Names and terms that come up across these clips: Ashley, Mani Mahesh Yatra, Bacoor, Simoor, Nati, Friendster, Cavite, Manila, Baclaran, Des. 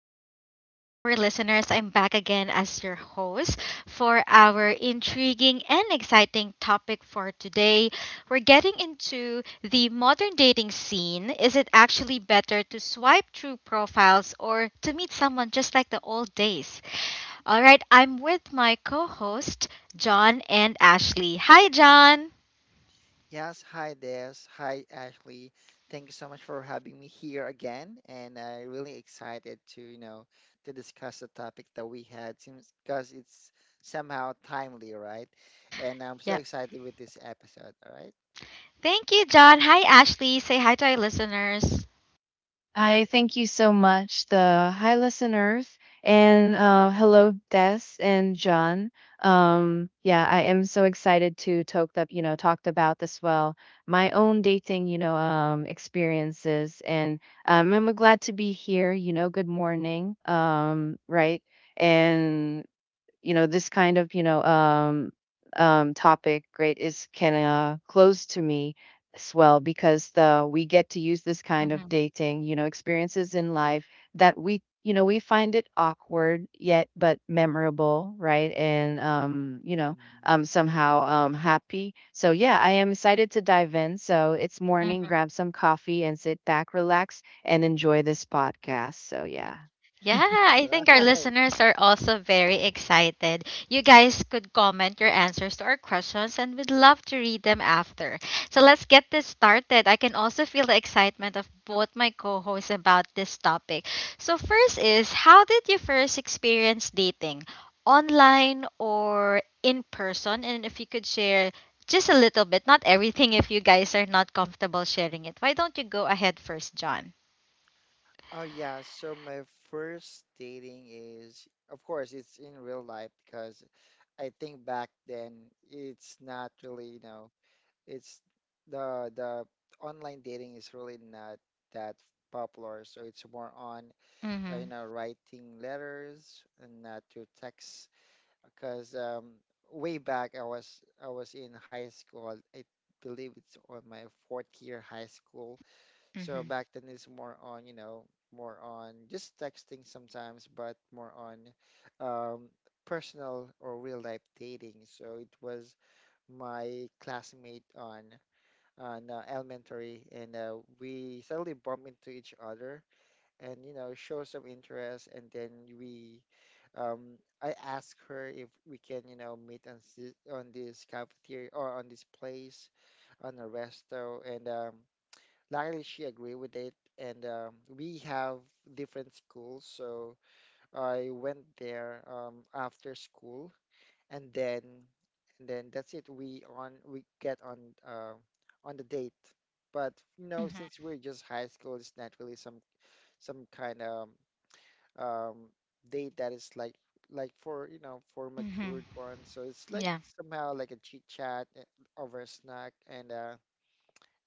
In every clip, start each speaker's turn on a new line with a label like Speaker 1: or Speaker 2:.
Speaker 1: good morning to our listeners. I'm back again as your host for our intriguing and exciting topic for today. We're getting into the modern dating scene. Is it actually better to swipe through profiles or to meet someone just like the old days? All right, I'm with my co host, John and Ashley. Hi, John.
Speaker 2: Yes, hi Des. Hi Ashley. Thank you so much for having me here again, and I'm really excited to, to discuss the topic that we had since because it's somehow timely, right? And I'm so
Speaker 1: Yep.
Speaker 2: excited with this episode, all right?
Speaker 1: Thank you, John. Hi, Ashley. Say hi to our listeners.
Speaker 3: I thank you so much, the hi listeners, and hello, Des and John. Yeah, I am so excited to talk up, you know, talked about as well my own dating, experiences, and I'm glad to be here. You know, good morning, right, and you know this kind of you know topic great is kind of close to me as well because the we get to use this kind of dating experiences in life that we you know we find it awkward yet but memorable, right? And
Speaker 2: Mhm.
Speaker 3: somehow happy. So yeah, I am excited to dive in. So it's morning,
Speaker 1: Hmm.
Speaker 3: grab some coffee and sit back, relax and enjoy this podcast. So yeah.
Speaker 1: Yeah, I think our
Speaker 2: Right.
Speaker 1: listeners are also very excited. You guys could comment your answers to our questions and we'd love to read them after. So let's get this started. I can also feel the excitement of both my co hosts about this topic. So, first is how did you first experience dating? Online or in person? And if you could share just a little bit, not everything if you guys are not comfortable sharing it. Why don't you go ahead first, John?
Speaker 2: Oh yeah, so my first dating is, of course, it's in real life because I think back then it's not really, it's the online dating is really not that popular. So it's more on
Speaker 1: Mm hmm.
Speaker 2: writing letters and not through text. Because way back I was in high school. I believe it's on my fourth year high school.
Speaker 1: Mm
Speaker 2: So
Speaker 1: hmm.
Speaker 2: back then it's more on more on just texting sometimes, but more on um, personal or real life dating. So it was my classmate on elementary, and we suddenly bump into each other, and you know, show some interest, and then we, I asked her if we can, you know, meet on this cafeteria or on this place on a resto, and luckily she agreed with it. And we have different schools, so I went there after school and then and then that's it we get uh, on the date, but you
Speaker 1: Mm
Speaker 2: know
Speaker 1: hmm.
Speaker 2: since we're just high school it's not really some kind of um, date that is like for you know for
Speaker 1: Mm-hmm.
Speaker 2: matured ones. So it's like
Speaker 1: Yeah.
Speaker 2: somehow like a chit chat over a snack,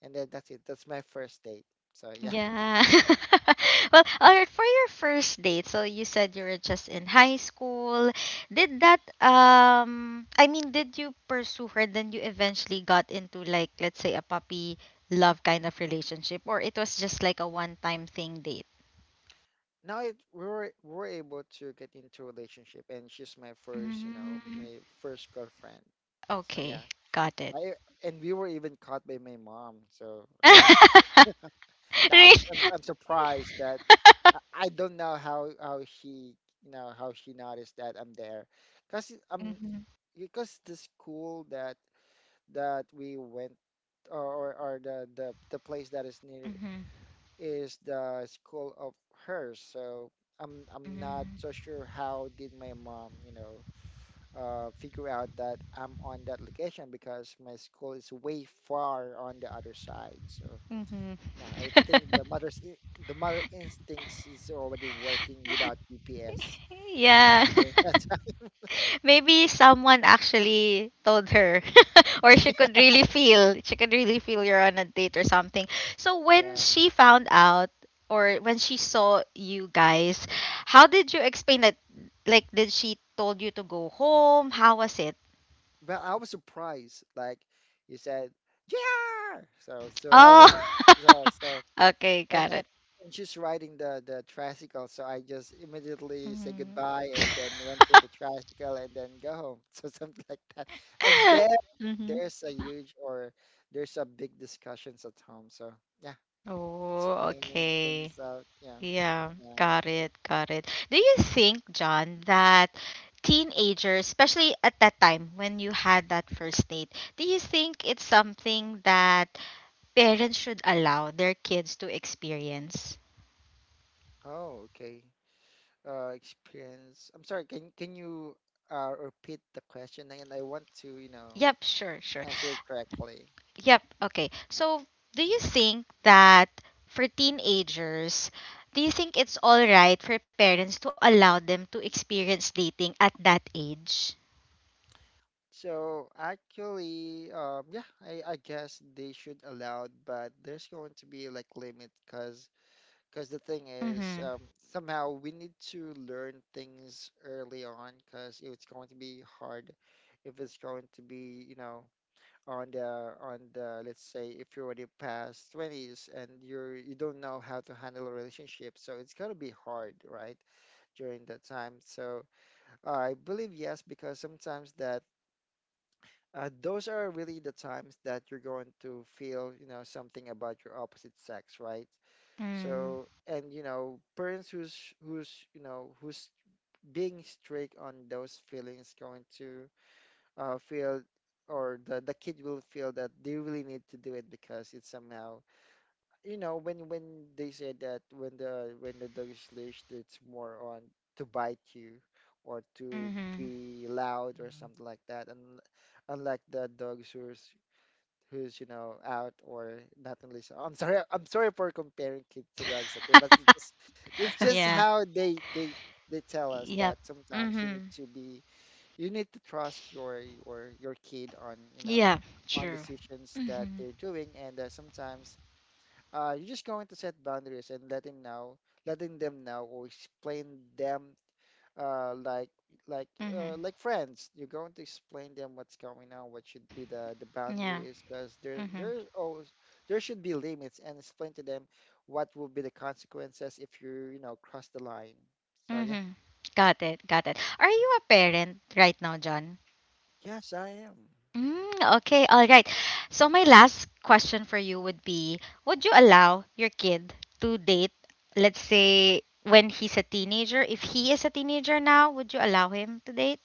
Speaker 2: and then that's it, that's my first date, so yeah.
Speaker 1: Yeah. Well, all right, for your first date, so you said you were just in high school. Did that I mean, did you pursue her then you eventually got into like let's say a puppy love kind of relationship or it was just like a one-time thing date?
Speaker 2: now it we were able to get into a relationship, and she's my first, you know,
Speaker 1: Mm,
Speaker 2: my first girlfriend, so yeah.
Speaker 1: okay, got it.
Speaker 2: I And we were even caught by my mom. So I think, yeah,
Speaker 1: Really?
Speaker 2: I'm surprised that I, I don't know how she, you know, how she noticed that I'm there, cause
Speaker 1: Mhm.
Speaker 2: because the school that we went the place that is near
Speaker 1: Mhm.
Speaker 2: is the school of hers. So I'm not
Speaker 1: Mhm.
Speaker 2: so sure how did my mom, you know, figure out that I'm on that location, because my school is way far on the other side. So
Speaker 1: Mhm.
Speaker 2: yeah, I think the mother instincts is already working without GPS. You know,
Speaker 1: Yeah.
Speaker 2: during that time.
Speaker 1: Maybe someone actually told her, or she could really feel, she could really feel you're on a date or something. So when
Speaker 2: Yeah.
Speaker 1: she found out, or when she saw you guys, how did you explain that? Like, did she told you to go home? How was it?
Speaker 2: But I was surprised, like you said, yeah. So so I
Speaker 1: Oh,
Speaker 2: was so so
Speaker 1: okay,
Speaker 2: and
Speaker 1: got
Speaker 2: and
Speaker 1: it.
Speaker 2: and she's riding the tricycle, so I just immediately say
Speaker 1: Mm-hmm.
Speaker 2: goodbye and then went to the tricycle and then go home. So something like that. And then there's a huge or there's a big discussions at home. So yeah,
Speaker 1: Oh,
Speaker 2: explaining
Speaker 1: okay.
Speaker 2: things out. Yeah,
Speaker 1: Yeah,
Speaker 2: yeah.
Speaker 1: got it, got it. Do you think, John, that teenagers, especially at that time when you had that first date, do you think it's something that parents should allow their kids to experience?
Speaker 2: Oh, okay. Experience. I'm sorry. Can you repeat the question? And I want to, you know,
Speaker 1: Yep, sure, sure.
Speaker 2: answer it correctly.
Speaker 1: Yep, okay. So, do you think that for teenagers, do you think it's all right for parents to allow them to experience dating at that age?
Speaker 2: So actually, yeah, I guess they should allow, but there's going to be like limit, cause the thing
Speaker 1: Mm-hmm.
Speaker 2: is, somehow we need to learn things early on, cause if it's going to be hard, if it's going to be, you know, on the, let's say if you're already past 20s and you don't know how to handle a relationship, so it's gonna be hard, right, during that time. So I believe yes, because sometimes that those are really the times that you're going to feel, you know, something about your opposite sex, right? So, and you know, parents who's who's you know who's being strict on those feelings going to feel, or the kid will feel that they really need to do it because it's somehow, you know, when they say that when the dog is leashed, it's more on to bite you or to
Speaker 1: Mm-hmm.
Speaker 2: be loud or something like that, and unlike the dogs who's who's you know out or not in relation. I'm sorry. I'm sorry for comparing kids to dogs. Okay, but it's just
Speaker 1: Yeah.
Speaker 2: how they tell us
Speaker 1: Yep.
Speaker 2: that sometimes you need
Speaker 1: Mhm.
Speaker 2: to be, you need to trust your kid on, you know,
Speaker 1: Yeah.
Speaker 2: on
Speaker 1: True.
Speaker 2: decisions that
Speaker 1: Mhm.
Speaker 2: they're doing, and sometimes you're just going to set boundaries, and letting know, letting them know, or explain them uh, like like
Speaker 1: Mhm.
Speaker 2: like friends. You're going to explain them what's going on, what should be the
Speaker 1: Yeah.
Speaker 2: boundaries, because
Speaker 1: Mhm.
Speaker 2: there's always there should be limits, and explain to them what will be the consequences if you, you know, cross the line. So yeah,
Speaker 1: Mhm. Got it. Got it. Are you a parent right now, John?
Speaker 2: yes, I am.
Speaker 1: Mm, okay. All right. So my last question for you would be: would you allow your kid to date? Let's say when he's a teenager. If he is a teenager now, would you allow him to date?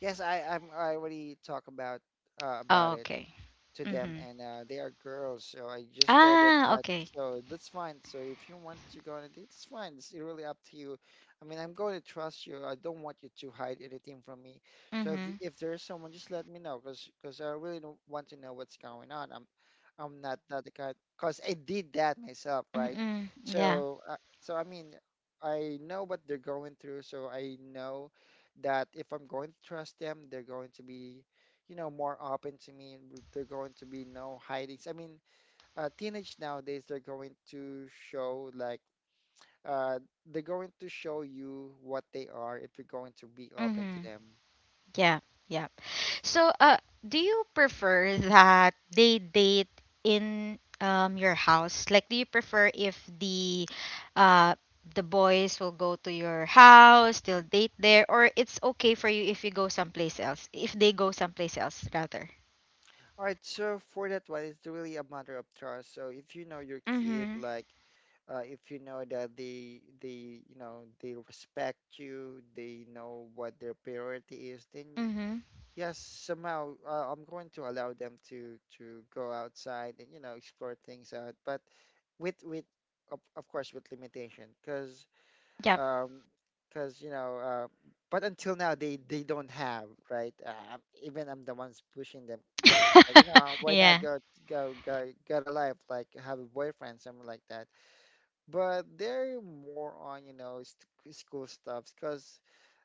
Speaker 2: Yes, I'm, I already talk about
Speaker 1: Oh,
Speaker 2: it
Speaker 1: okay.
Speaker 2: to them,
Speaker 1: Mhm.
Speaker 2: and they are girls, so I just told them
Speaker 1: Ah,
Speaker 2: that.
Speaker 1: okay.
Speaker 2: So that's fine. So if you want to go on a date, it's fine. It's really up to you. I mean, I'm going to trust you. I don't want you to hide anything from me. So
Speaker 1: Mhm.
Speaker 2: if there's someone, just let me know, cause I really don't want to know what's going on. I'm not that kind, cause I did that myself, right?
Speaker 1: Mhm. Yeah.
Speaker 2: So so I mean, I know what they're going through, so I know that if I'm going to trust them, they're going to be, you know, more open to me. They going to be no hidings. I mean, teenage nowadays, they're going to show like uh, they're going to show you what they are if you're going to be open to
Speaker 1: Mhm.
Speaker 2: them.
Speaker 1: Yeah. Yeah.
Speaker 2: Yes.
Speaker 1: So, do you prefer that they date in your house? Like, do you prefer if uh the boys will go to your house, they'll date there, or it's okay for you if you go someplace else, if they go someplace else rather?
Speaker 2: All right. So for that one, it's really a matter of trust. So if you know your kid,
Speaker 1: Mm-hmm.
Speaker 2: like if you know that they, you know, they respect you, they know what their priority is, then
Speaker 1: Mm-hmm.
Speaker 2: yes, somehow I'm going to allow them to go outside and you know explore things out, but with of course with limitation,
Speaker 1: Yep.
Speaker 2: um, because you know, but until now they don't have right. Even I'm the ones pushing them. Like, you know, why not
Speaker 1: Yeah.
Speaker 2: go get a life, like have a boyfriend, something like that. But they're more on, you know, school stuff, because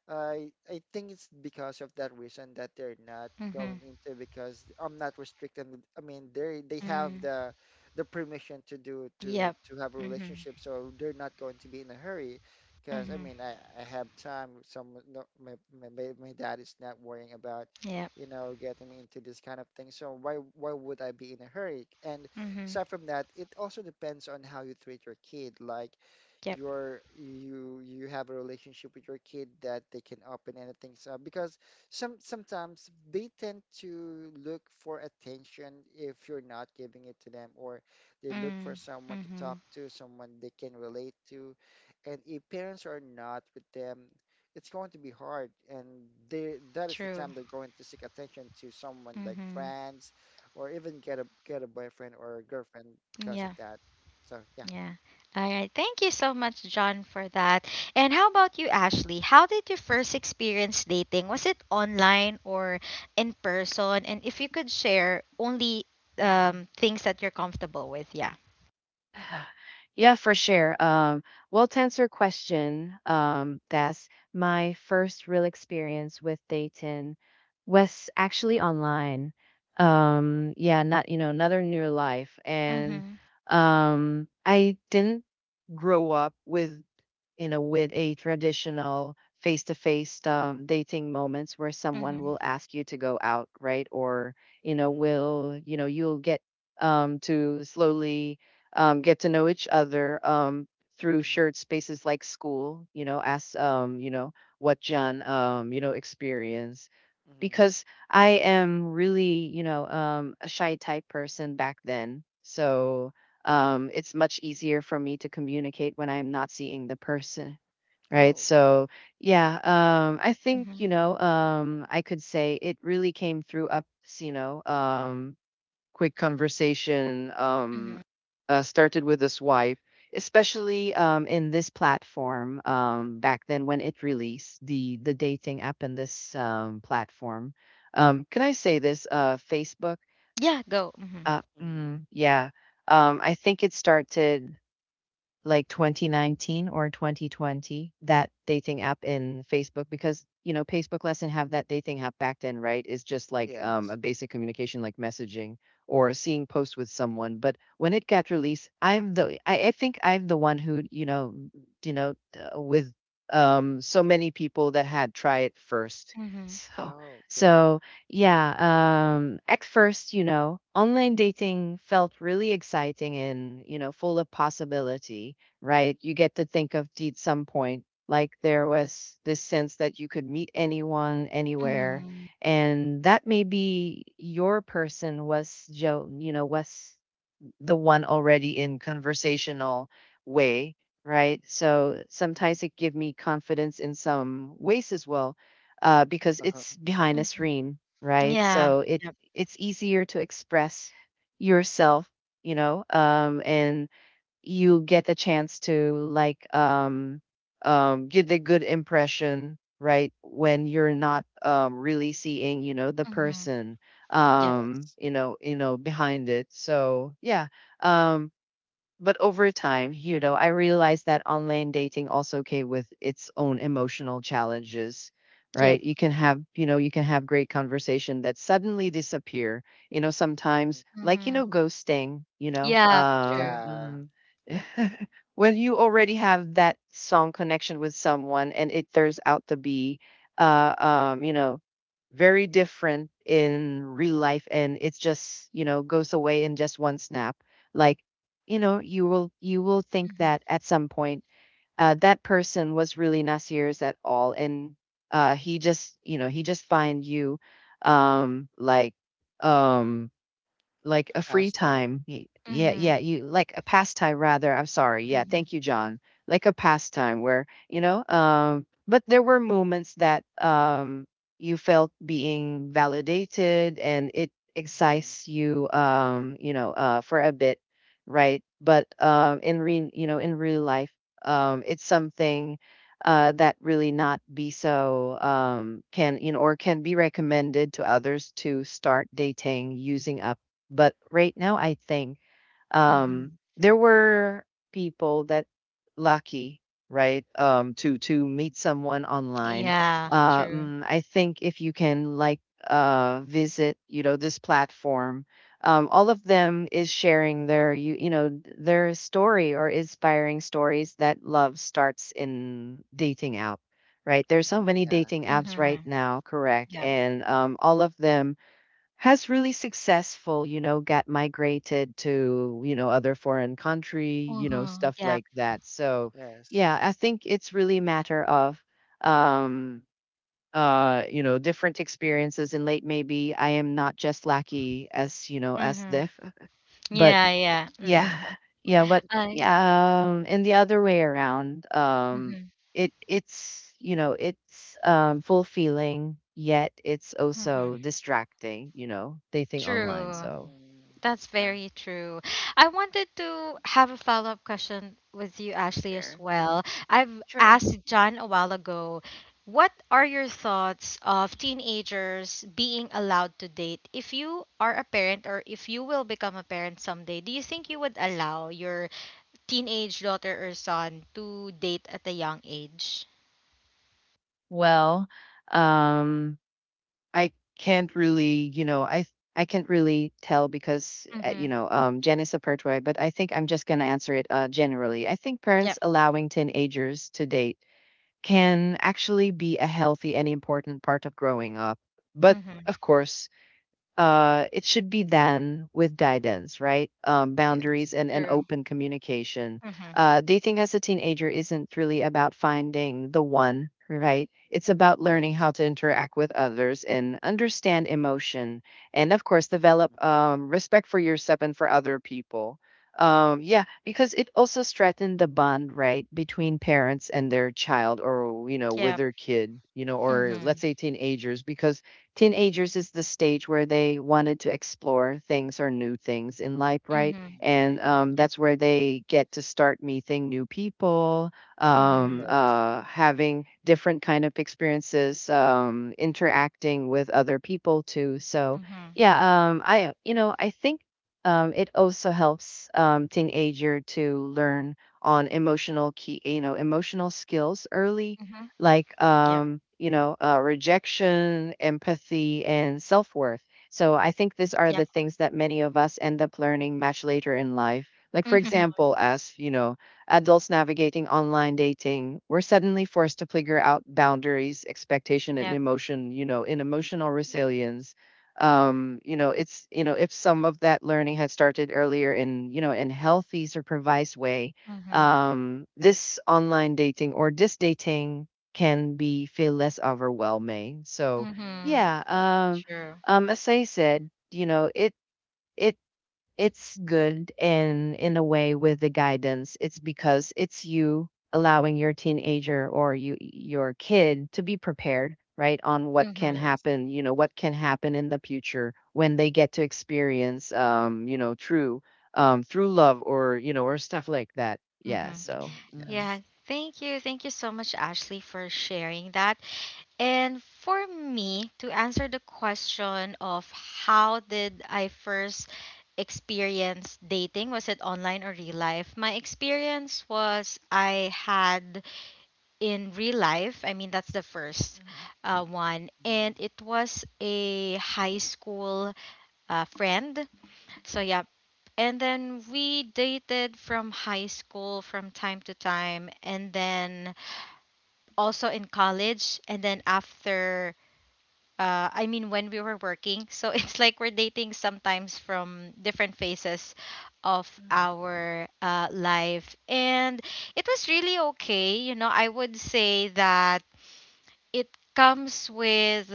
Speaker 2: I think it's because of that reason that they're not
Speaker 1: Mm-hmm.
Speaker 2: going into, because I'm not restricted. I mean, they have
Speaker 1: Mm.
Speaker 2: the permission to do,
Speaker 1: Yep.
Speaker 2: to have a
Speaker 1: Mm-hmm.
Speaker 2: relationship, so they're not going to be in a hurry. Because I
Speaker 1: Mm-hmm.
Speaker 2: mean, I have time. Some no, my, my dad is not worrying about,
Speaker 1: Yep.
Speaker 2: you know, getting me into this kind of thing. So why would I be in a hurry? And
Speaker 1: Mm-hmm.
Speaker 2: aside from that, it also depends on how you treat your kid. Like
Speaker 1: Yep.
Speaker 2: you you have a relationship with your kid that they can open anything up, because sometimes they tend to look for attention if you're not giving it to them, or they look for
Speaker 1: Mm.
Speaker 2: someone to
Speaker 1: Mm-hmm.
Speaker 2: talk to, someone they can relate to, and if parents are not with them, it's going to be hard, and they that is the
Speaker 1: True.
Speaker 2: time they're going to seek attention to someone like
Speaker 1: Mm-hmm.
Speaker 2: friends, or even get a boyfriend or a girlfriend because of
Speaker 1: Yeah.
Speaker 2: that. So yeah.
Speaker 1: Yeah. All right. Thank you so much, John, for that. And how about you, Ashley? How did you first experience dating? Was it online or in person? And if you could share only things that you're comfortable with, yeah.
Speaker 3: Yeah, for sure. Well, to answer your question, that's my first real experience with dating was actually online. Yeah, not, you know, another new life. And
Speaker 1: Mm-hmm.
Speaker 3: I didn't grow up with you know, with a traditional face to face dating moments where someone
Speaker 1: Mm-hmm.
Speaker 3: will ask you to go out, right? Or, you know,
Speaker 2: Mm-hmm.
Speaker 3: will, you know, you'll get to slowly get to know each other through shared spaces like school, you know, ask you know, what John you know, experienced
Speaker 2: Mhm.
Speaker 3: because I am really, you know, a shy type person back then. So it's much easier for me to communicate when I'm not seeing the person, right?
Speaker 2: Oh.
Speaker 3: So, yeah, I think,
Speaker 1: Mm-hmm.
Speaker 3: you know, I could say it really came through up, you know, quick conversation
Speaker 1: Mm-hmm.
Speaker 3: started with his wife, especially in this platform back then when
Speaker 2: Mhm.
Speaker 3: it released the dating app in this platform. Can I say this? Facebook.
Speaker 1: Yeah, go. Mm-hmm.
Speaker 2: Mhm.
Speaker 3: Yeah. I think it started like 2019 or 2020, that dating app in Facebook, because you know Facebook lesson have that dating app back then, right? Is just like
Speaker 2: Yes.
Speaker 3: a basic communication like messaging or seeing posts with someone. But when it got released, I think I'm the one who you know with so many people that had try it first.
Speaker 1: Mm-hmm.
Speaker 3: So
Speaker 2: Oh, okay.
Speaker 3: so yeah, at first, you know, online dating felt really exciting and, you know, full of possibility, right? You get to think of at some point like there was this sense that you could meet anyone anywhere,
Speaker 1: Mm-hmm.
Speaker 2: Mhm.
Speaker 3: and that maybe your person was Joe, you know, was the one already in conversational way, right? So
Speaker 2: Mhm.
Speaker 3: sometimes it give me confidence in some ways as well, because
Speaker 2: Uh-huh.
Speaker 3: it's behind a
Speaker 1: Mm-hmm.
Speaker 3: screen, right?
Speaker 1: Yeah.
Speaker 3: So it
Speaker 1: Yep.
Speaker 3: it's easier to express yourself, you know, and you get a chance to like get a good impression, right, when you're not really seeing you know the
Speaker 1: Mm-hmm.
Speaker 3: person
Speaker 1: Yep.
Speaker 2: Yes.
Speaker 3: behind it. So yeah, um but over time, you know, I realized that online dating also came with its own emotional challenges,
Speaker 1: Yep.
Speaker 3: right? You can have, you know, you can have great conversation that suddenly disappear. You know,
Speaker 2: Mhm.
Speaker 3: sometimes like, you know,
Speaker 1: Mm-hmm.
Speaker 3: ghosting, you know,
Speaker 1: Yeah, true.
Speaker 2: Yeah.
Speaker 3: when you already have that song connection with someone and it turns out to be, you know, very different in real life and it's just, you know, goes away in just one snap, like you know you will think
Speaker 1: Mm-hmm.
Speaker 3: that at some point that person was really not serious at all and he just you know he just find you um like um
Speaker 2: To
Speaker 3: like a
Speaker 2: pass time.
Speaker 3: Yeah,
Speaker 1: Mm-hmm.
Speaker 2: Mhm.
Speaker 3: yeah, you like a pastime rather. I'm sorry. Yeah,
Speaker 2: Mhm.
Speaker 1: Mm-hmm.
Speaker 3: thank you, John. Like a pastime where, you know, but there were moments that you felt being validated and it
Speaker 2: Mhm.
Speaker 3: excites you you know, for a bit, right? But in re you know, in real life, it's something that really not be so can you know or can be recommended to others to start dating using up. But right now, I think
Speaker 1: Mm-hmm.
Speaker 3: there were people that lucky, right, to
Speaker 2: Mhm.
Speaker 3: meet someone online.
Speaker 1: Yeah, true.
Speaker 3: I think if you can like visit, you know, this platform, all of them is sharing their their story or inspiring stories that love starts in dating app. Right, there's so
Speaker 2: Mhm.
Speaker 3: many
Speaker 2: Yeah.
Speaker 3: dating apps right
Speaker 1: Mm-hmm.
Speaker 3: now, correct? And all of them has really successful, you know, got migrated to, you know, other foreign country, you know,
Speaker 1: Mhm,
Speaker 3: stuff
Speaker 1: yeah.
Speaker 3: like that. So,
Speaker 2: Yes.
Speaker 3: yeah, I think it's really a matter of um you know different experiences and late maybe I am not just lucky as you know as
Speaker 1: Mhm.
Speaker 3: this but
Speaker 1: Yeah,
Speaker 2: Mhm.
Speaker 1: yeah. Mhm.
Speaker 2: Mhm.
Speaker 3: yeah. Yeah, but
Speaker 1: I
Speaker 3: yeah, and the other way around,
Speaker 1: mhm.
Speaker 3: it's, you know, it's fulfilling yet it's
Speaker 1: Mhm.
Speaker 3: also distracting, you know, dating online.
Speaker 1: True.
Speaker 3: So,
Speaker 2: Mhm.
Speaker 1: That's
Speaker 2: Uh,
Speaker 1: very true. I wanted to have a follow-up question with you, Ashley, as
Speaker 3: sure.
Speaker 1: well. I've
Speaker 3: Sure.
Speaker 1: asked John a while ago, what are your thoughts of teenagers being allowed to date? If you are a parent or if you will become a parent someday, do you think you would allow your teenage daughter or son to date at a young age?
Speaker 3: Well, um I can't really, you know, I can't really tell because you
Speaker 1: Mhm.
Speaker 3: know, Jen is a pertway, but I think I'm just going to answer it generally. I think parents
Speaker 1: Yep.
Speaker 3: allowing teenagers to date can actually be a healthy and important part of growing up. But of course, it should be done with guidance, right?
Speaker 2: yes.
Speaker 3: Boundaries and
Speaker 1: True.
Speaker 3: open communication.
Speaker 1: Mm-hmm.
Speaker 3: Dating as a teenager isn't really about finding the one, right? It's about learning
Speaker 2: Yes.
Speaker 3: how to interact with others and understand emotion. And of course,
Speaker 2: Mhm.
Speaker 3: develop respect for yourself and for other people. Yeah, because it also strengthened the bond, right, between parents and their child or, you know, with
Speaker 1: Yep.
Speaker 3: their kid, you know, or
Speaker 2: Yes.
Speaker 1: Mm-hmm.
Speaker 3: let's say teenagers, because teenagers is the stage where they wanted to explore things or new things in life, right?
Speaker 1: Mm-hmm.
Speaker 2: Mhm.
Speaker 3: And
Speaker 1: Yep.
Speaker 3: that's where they get to start meeting new people,
Speaker 1: Mm-hmm.
Speaker 2: Yes.
Speaker 3: having different kind of experiences, interacting with other people too. So
Speaker 1: Mm-hmm.
Speaker 3: yeah, I you know I think it also helps teenager to learn on emotional key you know emotional skills early
Speaker 1: Mm-hmm.
Speaker 3: like
Speaker 2: Mhm.
Speaker 1: Yep.
Speaker 3: you know rejection, empathy, and self worth. So I think these are the
Speaker 1: Yep.
Speaker 3: things that many of us end up learning much later in life. Like for
Speaker 1: Mm-hmm.
Speaker 3: example, as you know, adults navigating online dating, we're suddenly forced to figure out boundaries, expectation, and
Speaker 1: Yep.
Speaker 3: emotion. You know, in
Speaker 2: Mhm.
Speaker 3: emotional resilience you know it's you know if some of that learning had started earlier in you know in healthy supervised way
Speaker 1: Mm-hmm.
Speaker 3: this online dating or this dating can be feel less overwhelming. So
Speaker 1: Mm-hmm.
Speaker 2: Mhm.
Speaker 3: yeah,
Speaker 2: Yeah.
Speaker 1: True.
Speaker 3: as I said, you know, it it's good and in a way with the guidance, it's because it's you allowing your teenager or you your kid to be prepared, right, on what can
Speaker 1: Mm-hmm.
Speaker 2: Yes.
Speaker 3: happen, you know, what can happen in the future when they get to experience you know, true through love or you know, or stuff like that. Yeah,
Speaker 1: Mm-hmm.
Speaker 3: so
Speaker 2: Mhm.
Speaker 3: mhm.
Speaker 1: Yeah.
Speaker 2: Yes.
Speaker 1: Thank you. Thank you so much, Ashley, for sharing that. And for me, to answer the question of how did I first experience dating, was it online or real life? My experience was I had in real life. I mean, that's the first one. And
Speaker 2: Mhm.
Speaker 1: it was a high school friend. So, yeah. And then we dated from high school from time to time. And then also in college. And then after. I mean, when we were working. So it's like we're dating sometimes from different phases of
Speaker 3: Mm-hmm.
Speaker 1: our life. And it was really okay. You know, I would say that it comes with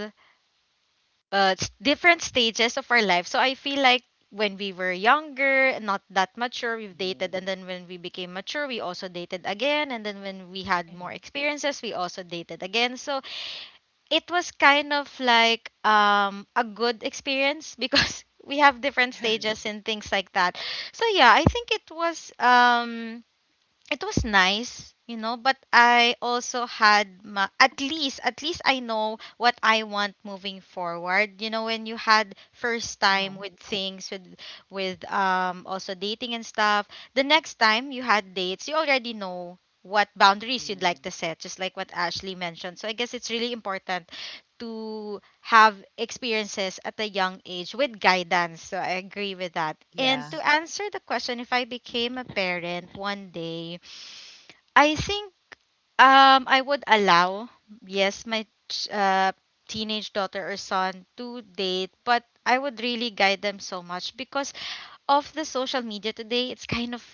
Speaker 1: different stages of our life. So I feel like when we were younger, not that mature, we've dated.
Speaker 2: Mhm.
Speaker 1: And then when we became mature, we also dated again. And then when we had more experiences, we also dated again. So it was kind of like a good experience because we have different stages
Speaker 2: Mhm.
Speaker 1: and things like that. So yeah, I think it was. It was nice, you know, but I also had my, at least, at least I know what I want moving forward. You know, when you had first time
Speaker 3: Mm-hmm.
Speaker 1: with things with also dating and stuff, the next time you had dates you already know what boundaries you'd like to
Speaker 2: Mhm.
Speaker 1: set, just like what Ashley mentioned. So I guess it's really important to have experiences at a young age with guidance. So I agree with that. And
Speaker 3: Yeah,
Speaker 1: to
Speaker 2: Yes.
Speaker 1: answer the question, if I became a parent one day, I think I would allow, yes, my ch- uh, teenage daughter or son to date, but I would really guide them so much because of the social media today. It's kind of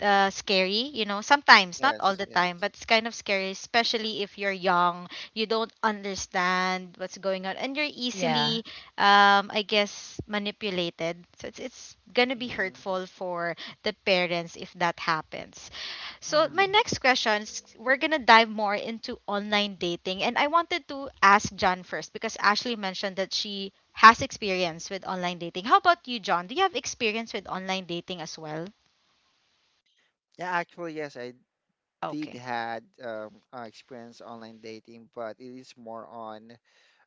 Speaker 1: scary, you know. Sometimes, not all
Speaker 2: Yes,
Speaker 1: the
Speaker 2: yes.
Speaker 1: time, but it's kind of scary, especially if you're young. You don't understand what's going on, and you're
Speaker 3: yeah.
Speaker 1: easily, I guess, manipulated. So it's gonna be
Speaker 2: Hmm.
Speaker 1: hurtful for the parents if that happens. So my
Speaker 3: Mm.
Speaker 1: next question is we're gonna dive more into online dating, and I wanted to ask John first because Ashley mentioned that she has experience with online dating. How about you, John? Do you have experience with online dating as well?
Speaker 2: Yeah, actually, yes, I did
Speaker 1: Okay.
Speaker 2: had experience online dating, but it is more on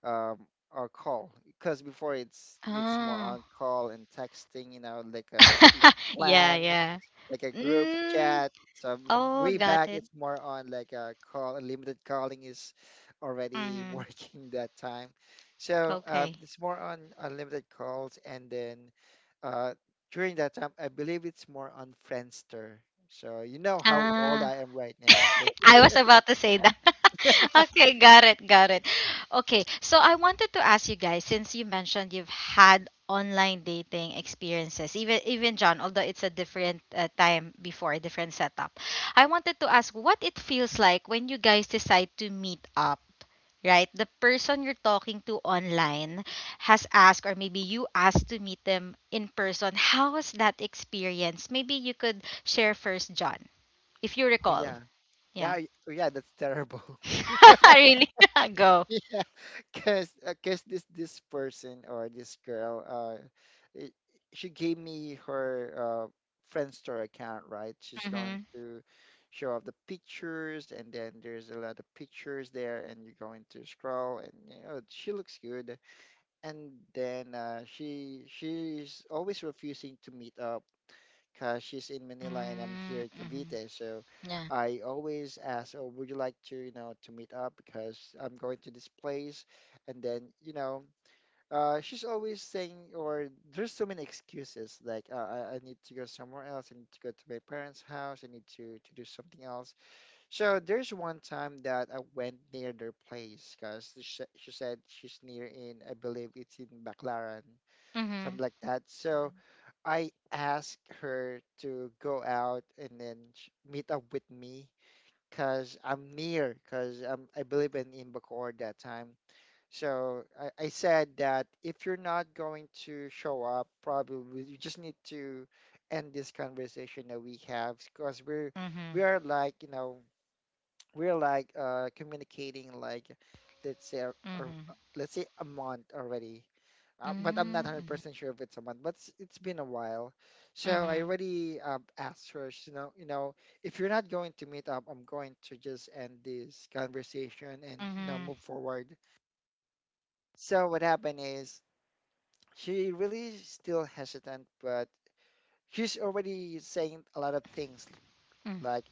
Speaker 2: um a call, because before it's more
Speaker 1: Oh.
Speaker 2: on call and texting, you know, like a
Speaker 1: Yeah,
Speaker 2: clan,
Speaker 1: yeah.
Speaker 2: like a group
Speaker 1: Mm,
Speaker 2: chat. So
Speaker 1: oh,
Speaker 2: way
Speaker 1: got
Speaker 2: back,
Speaker 1: it.
Speaker 2: it's more on like a call, limited calling is already
Speaker 1: Mm-hmm.
Speaker 2: working that time. So
Speaker 1: Okay.
Speaker 2: it's more on unlimited calls, and then uh, during that time, I believe it's more on Friendster. So you know how old
Speaker 1: Ah.
Speaker 2: I am right now, okay?
Speaker 1: I was about to say that. Okay, got it, got it. Okay, so I wanted to ask you guys since you mentioned you've had online dating experiences, even John, although it's a different time before, a different setup. I wanted to ask what it feels like when you guys decide to meet up. Right, the person you're talking to online has asked, or maybe you asked to meet them in person. How was that experience? Maybe you could share first, John, if you
Speaker 2: Oh
Speaker 1: recall.
Speaker 2: yeah,
Speaker 1: Yeah.
Speaker 2: yeah. That's terrible.
Speaker 1: Really? Go.
Speaker 2: Yeah, cause this person or this girl, she gave me her Friendster account, right? She's going
Speaker 1: Mhm.
Speaker 2: to show off the pictures, and then there's a lot of pictures there, and you're going to scroll, and you know she looks good, and then she's always refusing to meet up because she's in Manila and I'm here
Speaker 1: Mm,
Speaker 2: in
Speaker 1: mhm.
Speaker 2: Cavite. So
Speaker 1: Yeah.
Speaker 2: I always ask, "Oh, would you like to, you know, to meet up? Because I'm going to this place." And then, you know, she's always saying, or there's so many excuses like, "I need to go somewhere else. I need to go to my parents' house. I need to do something else." So there's one time that I went near their place because she said she's near in, I believe it's in Baclaran, something
Speaker 1: Mhm.
Speaker 2: like that. So I asked her to go out and then meet up with me because I'm near, because I'm, I believe in, Bacoor that time. So I said that if you're not going to show up, probably you just need to end this conversation that we have because we
Speaker 1: Mhm.
Speaker 2: are like, we're like, communicating, like, let's say a, a,
Speaker 1: Mhm.
Speaker 2: let's say a month already, but I'm not
Speaker 1: Mm, mhm.
Speaker 2: 100% sure if it's a month, but it's been a while. So I
Speaker 1: Mhm.
Speaker 2: already asked her, if you're not going to meet up, I'm going to just end this conversation and,
Speaker 1: Mhm.
Speaker 2: move forward. So what happened is she really still hesitant, but she's already saying a lot of things
Speaker 1: Mm,
Speaker 2: like,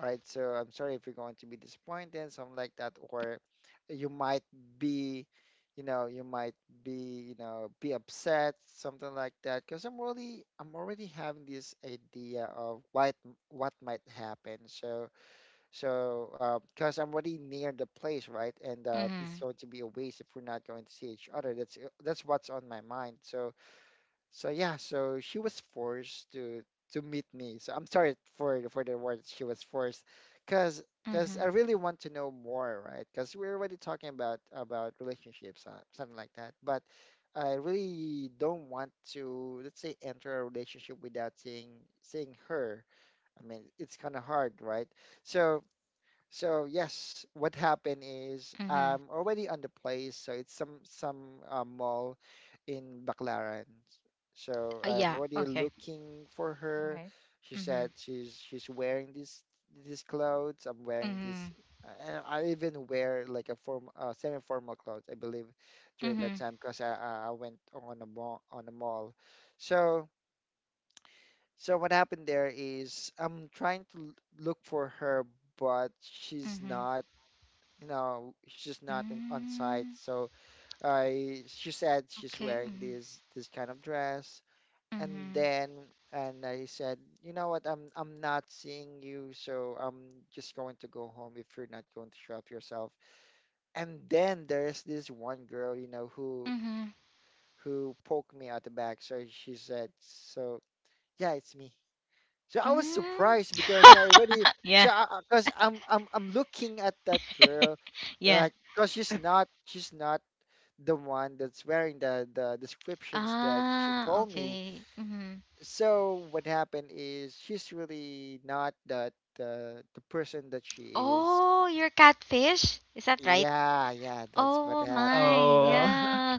Speaker 2: right? So I'm sorry if you're going to be disappointed, something like that, or you might be, you might be upset, something like that. Because I'm already having this idea of what might happen. So, because I'm already near the place, right? And it's
Speaker 1: mhm.
Speaker 2: going to be a waste if we're not going to see each other. That's what's on my mind. So she was forced to meet me. So I'm sorry for the word she was forced, cause cause I
Speaker 1: Mhm.
Speaker 2: really want to know more, right? Cause we're already talking about relationships, something like that. But I really don't want to, let's say, enter a relationship without seeing her. I mean, it's kind of hard, right? So what happened is
Speaker 1: Mhm.
Speaker 2: I'm already on the place. So it's some mall in Baclaran. So I'm
Speaker 1: Yeah.
Speaker 2: already
Speaker 1: Okay.
Speaker 2: looking for her.
Speaker 3: Alright.
Speaker 2: She
Speaker 1: Mhm.
Speaker 2: said she's wearing these clothes. I'm wearing these,
Speaker 1: Mhm.
Speaker 2: and I even wear like a form semi-formal clothes, I believe, during that
Speaker 1: Mhm.
Speaker 2: time because I went on a mall. So what happened there is I'm trying to look for her, but she's
Speaker 1: Mhm.
Speaker 2: not. You know, she's not on site.
Speaker 1: Mm,
Speaker 2: So I she said she's
Speaker 1: okay.
Speaker 2: wearing
Speaker 1: Mhm.
Speaker 2: this kind of dress. And
Speaker 1: Mhm.
Speaker 2: then, and I said, you know what, I'm not seeing you, so I'm just going to go home if you're not going to shop yourself. And then there's this one girl, who
Speaker 1: Mhm.
Speaker 2: who poked me out the back. So she said, so yeah, it's me. So I was
Speaker 1: Mm.
Speaker 2: surprised because I already,
Speaker 1: Yeah.
Speaker 2: so because I'm looking at that girl,
Speaker 1: Yeah.
Speaker 2: like because she's not the one that's wearing the descriptions that she
Speaker 1: Ah,
Speaker 2: told me.
Speaker 1: okay. Mhm.
Speaker 2: So what happened is she's really not that the person that she is.
Speaker 1: Oh, you're catfish? Is that right?
Speaker 2: Yeah, yeah, that's what
Speaker 1: Oh
Speaker 2: happened.
Speaker 1: my,
Speaker 3: Oh.
Speaker 2: So,
Speaker 1: yeah.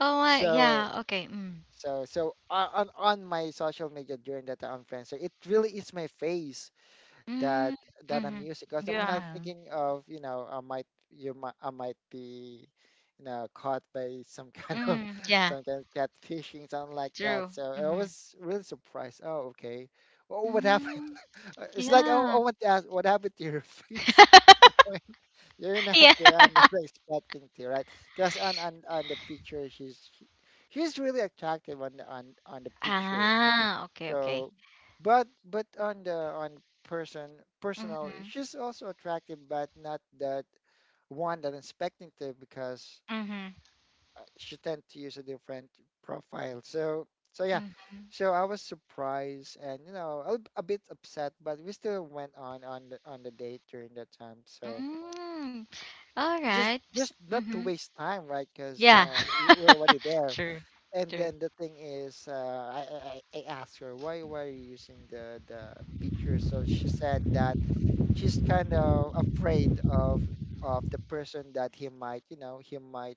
Speaker 1: Oh my,
Speaker 2: so,
Speaker 1: yeah. Okay. Mm.
Speaker 2: so, so o- on on my social media during that, on Friendster, it really is my face that
Speaker 1: Mm.
Speaker 2: that I'm
Speaker 1: Mm-hmm.
Speaker 2: using because I'm
Speaker 1: Yeah.
Speaker 2: not
Speaker 3: Uh-huh.
Speaker 2: thinking of, I might be, caught by some kind of
Speaker 1: Mm. Yeah.
Speaker 2: some kind of catfishing, something like that.
Speaker 1: True.
Speaker 2: So I
Speaker 1: Mm.
Speaker 2: was really surprised. Oh, okay. Oh, what happened?
Speaker 1: Mm.
Speaker 2: It's like I
Speaker 1: Yeah.
Speaker 2: want to ask, what happened to your face? When You're not
Speaker 1: Yeah.
Speaker 2: the one that I'm expecting to, right? Because on the picture, she's really attractive on the picture.
Speaker 1: Ah, okay, okay.
Speaker 2: So, but on the, on person, personal,
Speaker 1: Mm-hmm.
Speaker 2: she's also attractive, but not that one that I'm expecting to because
Speaker 1: Mm-hmm.
Speaker 2: she tend to use a different profile. So so yeah,
Speaker 1: Mm-hmm.
Speaker 2: so I was surprised and, a bit upset, but we still went on the date during that time. So
Speaker 1: Mm. All
Speaker 2: just
Speaker 1: right.
Speaker 2: just not to
Speaker 1: Mm-hmm.
Speaker 2: waste time, right? Because
Speaker 1: Yeah.
Speaker 2: we're already there.
Speaker 1: True.
Speaker 2: And
Speaker 1: True.
Speaker 2: then the thing is, I asked her why are you using the picture? So she said that she's kind of afraid of the person that he might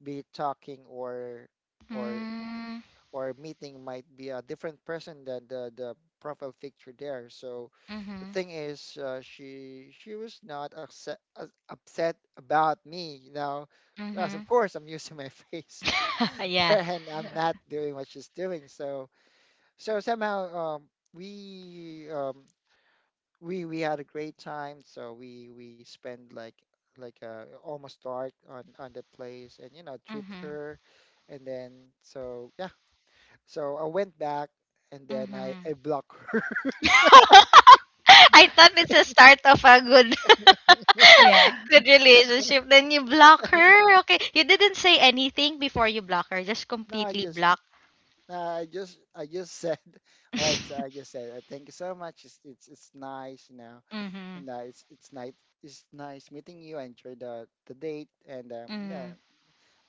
Speaker 2: be talking or
Speaker 1: Mm.
Speaker 2: or meeting might be a different person than the profile picture there. So the
Speaker 1: Mm-hmm.
Speaker 2: thing is, she was not upset about me, you know, because of
Speaker 1: Mm-hmm.
Speaker 2: course I'm using my face
Speaker 1: Yeah.
Speaker 2: there and I'm not doing what she's doing. So somehow, we um, we had a great time. So we spent like almost dark on the place, and, treat
Speaker 1: Mm-hmm.
Speaker 2: her, and then so yeah, so I went back, and then I,
Speaker 1: Mm-hmm.
Speaker 2: I blocked her.
Speaker 1: I thought it's a start of a good
Speaker 3: Yeah.
Speaker 1: good relationship, then you block her, okay. You didn't say anything before you block her, just
Speaker 2: no, I
Speaker 1: completely
Speaker 2: just
Speaker 1: block?
Speaker 2: no, I just said, all right. So I just said, thank you so much. It's nice, you know,
Speaker 1: Mhm,
Speaker 2: and it's nice meeting you. I enjoyed the date and, yeah.
Speaker 1: mm.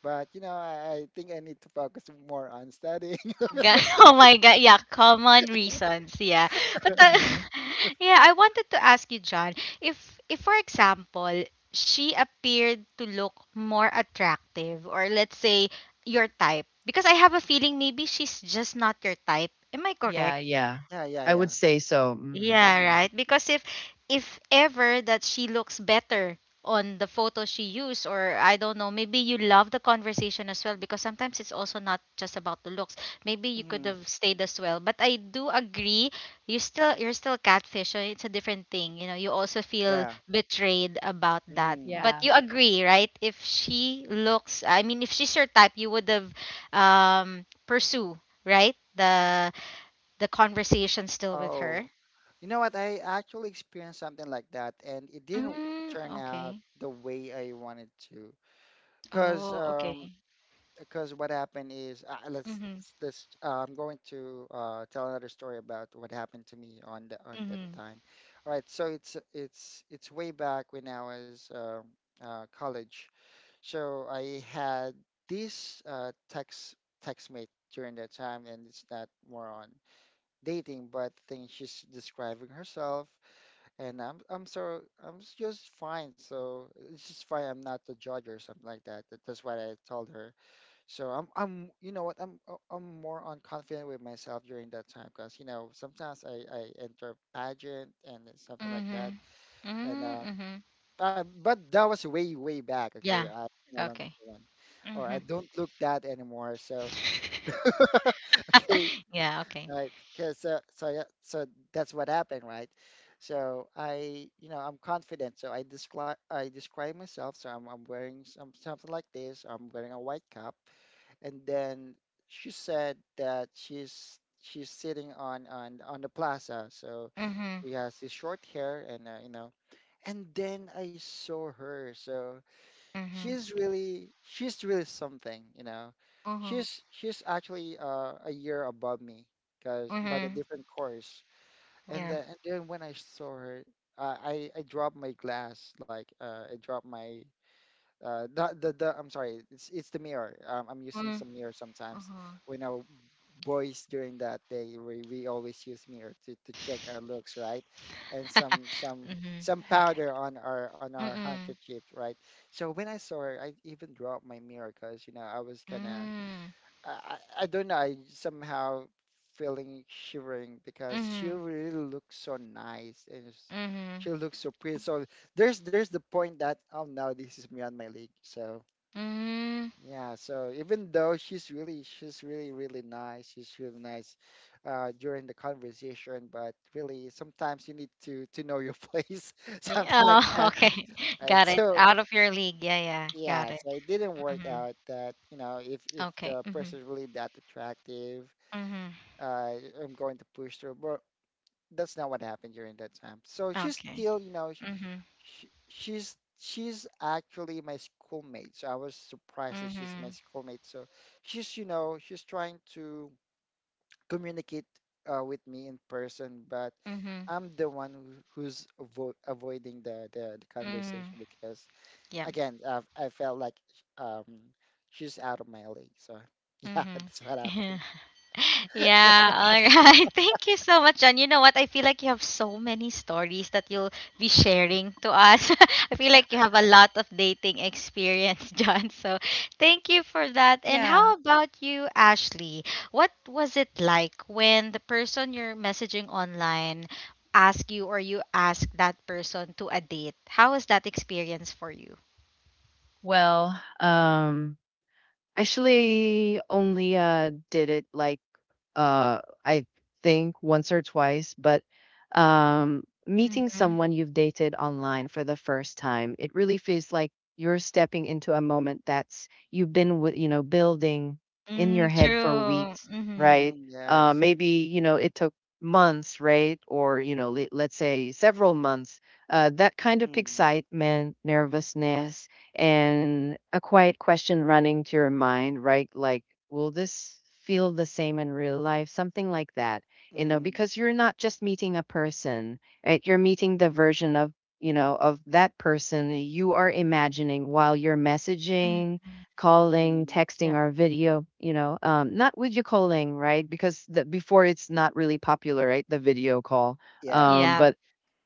Speaker 2: But, I think I need to focus more on studying.
Speaker 1: Ga- Oh my God. Yeah, common reasons. Yeah. But
Speaker 3: Hang
Speaker 1: yeah, I wanted to ask you, John, if if for example, she appeared to look more attractive or let's say your type because I have a feeling maybe she's just not your type. Am I
Speaker 3: yeah,
Speaker 1: correct?
Speaker 3: yeah.
Speaker 2: Yeah, yeah,
Speaker 3: I
Speaker 2: yeah.
Speaker 3: would say so, mhm.
Speaker 1: Yeah,
Speaker 2: Hmm.
Speaker 1: right. Because if ever that she looks better on the photo she used, or I don't know, maybe you love the conversation as well because sometimes it's also not just about the looks. Maybe you could
Speaker 2: Hmm.
Speaker 1: have stayed as well. But I do agree, you're still catfish, so it's a different thing. You know, you also feel
Speaker 2: Yeah.
Speaker 1: betrayed about that.
Speaker 2: Hmm.
Speaker 1: But
Speaker 3: Yeah.
Speaker 1: you agree, right? If she looks, I mean, if she's your type, you would have pursue, right? the conversation still with her.
Speaker 2: Oh, you know what? I actually experienced something like that, and it didn't
Speaker 1: Mm,
Speaker 2: turn out
Speaker 1: okay.
Speaker 2: the way I wanted to. Cause
Speaker 1: Oh, okay.
Speaker 2: um, cause what happened is,
Speaker 1: Mm-hmm.
Speaker 2: I'm going to tell another story about what happened to me on the on that
Speaker 1: Mm-hmm.
Speaker 2: time. All right, so it's way back when I was college. So I had this text mate during that time, and it's not more on dating, but I think she's describing herself, and I'm so I'm s- just fine. So it's just fine. I'm not the judge or something like that. That's what I told her. So I'm you know what I'm more on confident with myself during that time because sometimes I enter pageant and then something like that,
Speaker 1: Mm-hmm.
Speaker 2: and
Speaker 1: Mm, mm-hmm.
Speaker 2: but that was way way back. Okay,
Speaker 1: Yeah.
Speaker 2: I no longer
Speaker 1: Okay.
Speaker 2: one or I
Speaker 1: Mm-hmm.
Speaker 2: don't look that anymore. So okay,
Speaker 1: Yeah, okay.
Speaker 2: right, because so yeah, so that's what happened, right? So I, I'm confident, so I describe myself. So I'm wearing something like this. I'm wearing a white cap, and then she said that she's sitting on the plaza. So
Speaker 1: Mm-hmm.
Speaker 2: she has this short hair, and then I saw her. So
Speaker 1: Mm-hmm.
Speaker 2: she's really something.
Speaker 1: Mm-hmm.
Speaker 2: She's actually a year above me, because but a
Speaker 1: Mm-hmm.
Speaker 2: different course. and
Speaker 1: Yeah.
Speaker 2: then and then when I saw her, I dropped my glass, like, I dropped my the, the I'm sorry, it's the mirror. I'm using
Speaker 1: Mm-hmm.
Speaker 2: some mirror sometimes.
Speaker 1: Mm-hmm.
Speaker 2: When our boys during that day, we always use mirror to check our looks, right? And some some
Speaker 1: Mm-hmm.
Speaker 2: some powder on our
Speaker 1: Mm-hmm. Mm-hmm.
Speaker 2: handkerchief, right? So when I saw her, I even dropped my mirror because, I was kind of I don't know. I somehow feeling shivering because she
Speaker 1: Mm-hmm.
Speaker 2: really looks so nice and she
Speaker 1: Mm-hmm.
Speaker 2: looks so pretty. So there's the point that, oh no, this is me on my league. So
Speaker 1: Mm.
Speaker 2: yeah. So even though she's really really nice, she's really nice during the conversation, but really sometimes you need to know your place,
Speaker 1: Yeah,
Speaker 2: something like
Speaker 1: oh,
Speaker 2: that.
Speaker 1: okay. Got it.
Speaker 2: So
Speaker 1: Out of your league. Yeah, yeah. Got
Speaker 2: yeah,
Speaker 1: it.
Speaker 2: so it didn't work
Speaker 1: Mm-hmm.
Speaker 2: out that, if
Speaker 1: Okay.
Speaker 2: the
Speaker 1: Mm-hmm.
Speaker 2: person is really that attractive,
Speaker 1: Mm-hmm.
Speaker 2: I am going to push through. But that's not what happened during that time. So she's
Speaker 1: Okay.
Speaker 2: still,
Speaker 1: Mm-hmm.
Speaker 2: sh she's actually my schoolmate. So I was surprised that she's my
Speaker 1: Mm-hmm.
Speaker 2: schoolmate. So she's trying to communicate with me in person, but
Speaker 1: Mhm.
Speaker 2: I'm the one who's avoiding the conversation
Speaker 1: Mhm.
Speaker 2: because
Speaker 1: Yep.
Speaker 2: again, I felt like, um she's out of my league. So yeah,
Speaker 1: Mhm.
Speaker 2: that's what
Speaker 1: Yeah.
Speaker 2: happened.
Speaker 1: Mm-hmm. Yeah. All right. Thank you so much, John. You know what? I feel like you have so many stories that you'll be sharing to us. I feel like you have a lot of dating experience, John. So thank you for that. And
Speaker 3: Yeah.
Speaker 1: how about you, Ashley? What was it like when the person you're messaging online asked you or you asked that person to a date? How was that experience for you?
Speaker 3: Well, actually only, did it, like, I think once or twice, but meeting someone you've dated online for the first time, it really feels like you're stepping into a moment that's you've been with, you know, building in
Speaker 1: Mm,
Speaker 3: your head for
Speaker 1: true.
Speaker 3: weeks,
Speaker 1: Mm-hmm.
Speaker 3: right?
Speaker 2: Mm, yes.
Speaker 3: Maybe, you know, it took months, right? Or, you know, let's say several months. That kind of
Speaker 2: Mm,
Speaker 3: excitement, nervousness, and a quiet question running to your mind, right? Like, will this feel the same in real life? Something like that, you know,
Speaker 2: mm.
Speaker 3: because you're not just meeting a person, right? You're meeting the version of, you know, of that person you are imagining while you're
Speaker 1: Mm,
Speaker 3: messaging, calling,
Speaker 2: Mm-hmm.
Speaker 3: texting,
Speaker 1: yep.
Speaker 3: or video, you know, not video calling, right? Because the, before it's not really popular, right? The video call.
Speaker 2: Yes.
Speaker 1: Yeah.
Speaker 3: But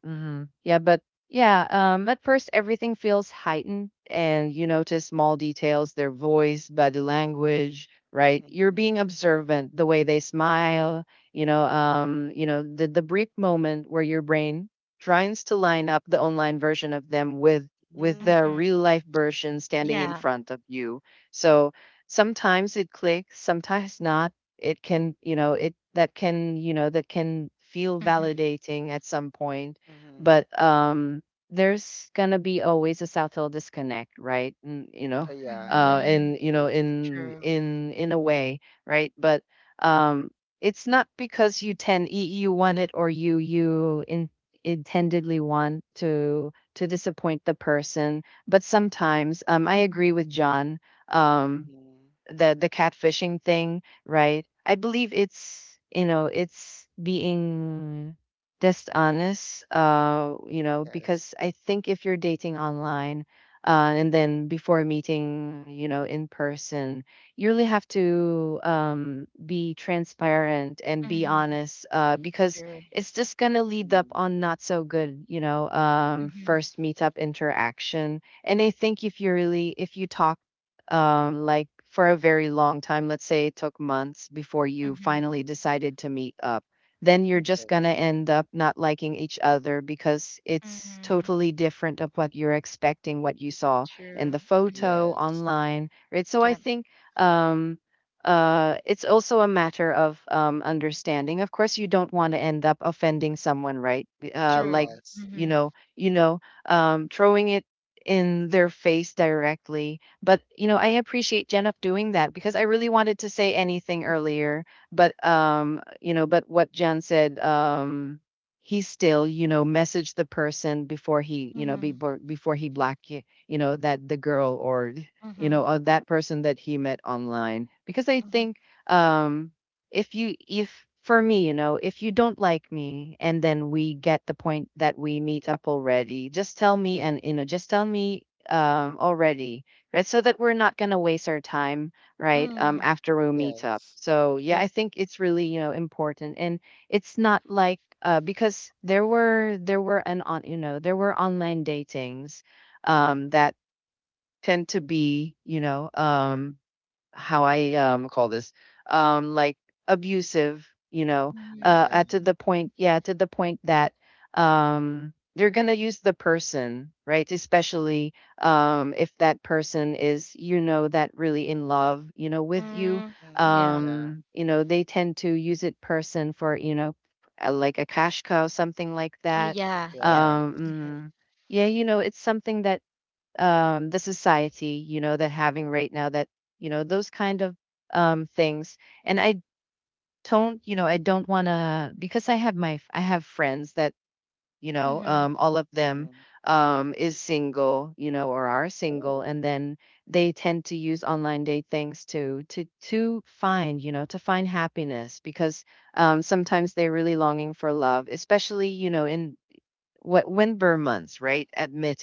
Speaker 3: hmm. Yeah, but yeah, at first everything feels heightened and you notice small details, their voice, body language, right? You're
Speaker 2: Mm-hmm.
Speaker 3: being observant, the way they smile, you know, the brief moment where your brain tries to line up the online version of them with
Speaker 2: Mm-hmm.
Speaker 3: the
Speaker 1: Mm-hmm.
Speaker 3: real life version standing in
Speaker 1: Yeah.
Speaker 3: front of you. So sometimes it clicks, sometimes not. It can, you know, it that can, you know, that can feel
Speaker 1: Mm-hmm.
Speaker 3: validating at some point,
Speaker 2: Mm-hmm.
Speaker 3: but there's gonna be always a South Hill disconnect, right? Mm, you know,
Speaker 2: Yeah, yeah.
Speaker 1: Mm-hmm.
Speaker 3: and
Speaker 2: It
Speaker 3: you know,
Speaker 2: is.
Speaker 3: in
Speaker 1: True.
Speaker 3: in in a way, right? But um, it's not because you tend you you want it or intendedly want to disappoint the person. But sometimes, I
Speaker 1: Mm-hmm.
Speaker 3: agree with John. Um,
Speaker 2: Mm-hmm.
Speaker 3: the catfishing thing, right? I believe it's it's being dishonest, you know,
Speaker 2: Yes.
Speaker 3: because I think if you're dating online, and then before meeting, you know, in person, you really have to be transparent and be
Speaker 1: Mm-hmm.
Speaker 3: honest, because
Speaker 1: True.
Speaker 3: it's just gonna lead up
Speaker 2: Mm-hmm.
Speaker 3: on not so good, you know,
Speaker 1: Mm-hmm.
Speaker 3: first meetup interaction. And I think if you really if you talk like for a very long time, let's say it took months before you
Speaker 1: Mm-hmm.
Speaker 3: finally decided to meet up, then you're just going to
Speaker 2: Yes.
Speaker 3: end up not liking each other because it's
Speaker 1: Mm-hmm.
Speaker 3: totally different of what you're expecting, what you saw in
Speaker 1: True.
Speaker 3: the
Speaker 1: Mm-hmm.
Speaker 3: photo
Speaker 2: Yes.
Speaker 3: online, right? So I
Speaker 1: Yep.
Speaker 3: think um, it's also a matter of understanding. Of course, you don't want to end up offending someone, right? Uh, like,
Speaker 1: True.
Speaker 2: Yes.
Speaker 3: you
Speaker 1: Mm-hmm.
Speaker 3: know, throwing it in their face directly but, you know, I appreciate Jen of doing that because I really wanted to say anything earlier, but you know, but what Jen said, he still, you know, messaged the person before he, you know,
Speaker 1: Mm-hmm.
Speaker 3: before he blocked, you know, that the girl or you
Speaker 1: Mm-hmm.
Speaker 3: know, that person that he met online because I
Speaker 1: Mm-hmm.
Speaker 3: think um if you if for me, you know, if you don't like me and then we get the point that we meet up already, just tell me and you know, just tell me already right? So that we're not going to waste our time, right?
Speaker 1: Mm.
Speaker 3: After we meet up.
Speaker 2: Yes.
Speaker 3: So yeah, I
Speaker 1: Yep.
Speaker 3: think it's really you know important, and it's not like because there were an on you know there were online datings, that tend to be you know how I call this like abusive, you know,
Speaker 1: Mm-hmm.
Speaker 2: Mm, yeah.
Speaker 3: at to
Speaker 1: Mm-hmm.
Speaker 3: the point, yeah, to the point that they're going to use the person, right? Especially if that person is you know that really in love, you know, with you.
Speaker 1: Mm.
Speaker 2: Mm-hmm.
Speaker 1: Yeah.
Speaker 2: Yeah.
Speaker 3: You know, they tend to use it person for, you know, like a cash cow something like
Speaker 1: Ah,
Speaker 3: that.
Speaker 1: yeah. Yeah.
Speaker 2: Yeah.
Speaker 3: Um mm, yeah, you know, it's something that the society, you know, that having right now that, you know, those kind of things. And I don't, you know, I don't want to, because I have my, I have friends that, you know,
Speaker 1: Mm-hmm.
Speaker 3: all of them
Speaker 2: Mm-hmm.
Speaker 3: is single, you know, or are
Speaker 2: Oh.
Speaker 3: single. And then they tend to use online date things to find, you know, to find happiness because sometimes they're really longing for love, especially, you know, in what winter months, right?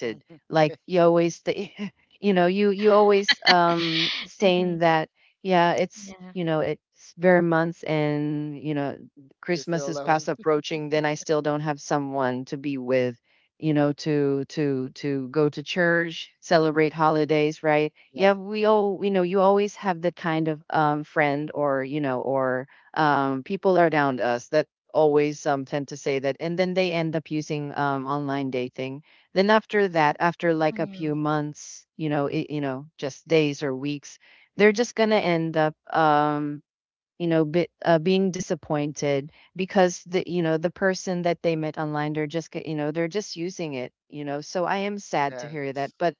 Speaker 2: Hmm.
Speaker 3: like
Speaker 2: Okay.
Speaker 3: you always, you know, you always saying
Speaker 1: Mm-hmm.
Speaker 3: that, yeah, it's
Speaker 1: Yeah.
Speaker 3: you know, it's bare months, and you know,
Speaker 2: You're still
Speaker 3: Christmas is
Speaker 2: alone.
Speaker 3: past approaching. Then I still don't have someone to be with, you know, to go to church, celebrate holidays, right?
Speaker 2: Yeah.
Speaker 3: Yeah, we all, you know, you always have the kind of friend or you know or people around us that always tend to say that and then they end up using online dating then after that
Speaker 2: Mm.
Speaker 3: after like a
Speaker 1: Mm-hmm.
Speaker 3: few months you know it, you know just days or weeks they're just going to end up you know bit, being disappointed because the you know the person that they met online they're just you know they're just using it you know so I am sad to hear
Speaker 2: Yes.
Speaker 3: that but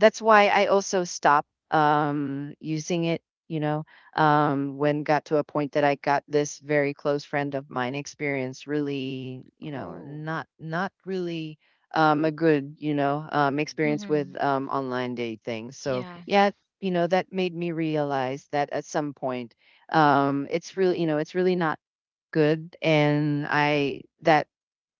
Speaker 3: that's why I also stopped using it. You know, when got to a point that I got this very close friend of mine experienced really, you know,
Speaker 2: Oh,
Speaker 3: not really a
Speaker 2: good.
Speaker 3: good, you know,
Speaker 2: Mm,
Speaker 3: experience with
Speaker 1: Mm-hmm.
Speaker 3: online dating. So
Speaker 1: Yeah.
Speaker 3: yeah, you know, that made me realize that at some point, it's really, you know, it's really not good, and I that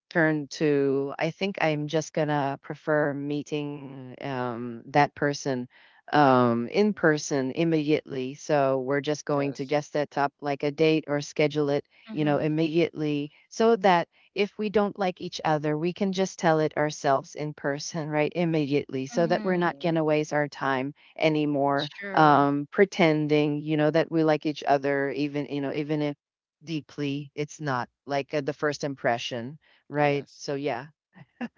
Speaker 3: turned to I think I'm just gonna prefer meeting that person in
Speaker 2: mm,
Speaker 3: person immediately. So we're just going to
Speaker 2: yes.
Speaker 3: just set up like a date or schedule it, you know,
Speaker 1: Mm-hmm.
Speaker 3: immediately so that if we don't like each other, we can just tell it ourselves in person, right? Immediately, so that we're
Speaker 1: Mm-hmm.
Speaker 3: not gonna
Speaker 2: Mm-hmm.
Speaker 3: waste our time anymore
Speaker 1: True.
Speaker 3: pretending, you know, that we like each other, even, you know, even if deeply it's not like the first impression right.
Speaker 2: Yes.
Speaker 3: So yeah,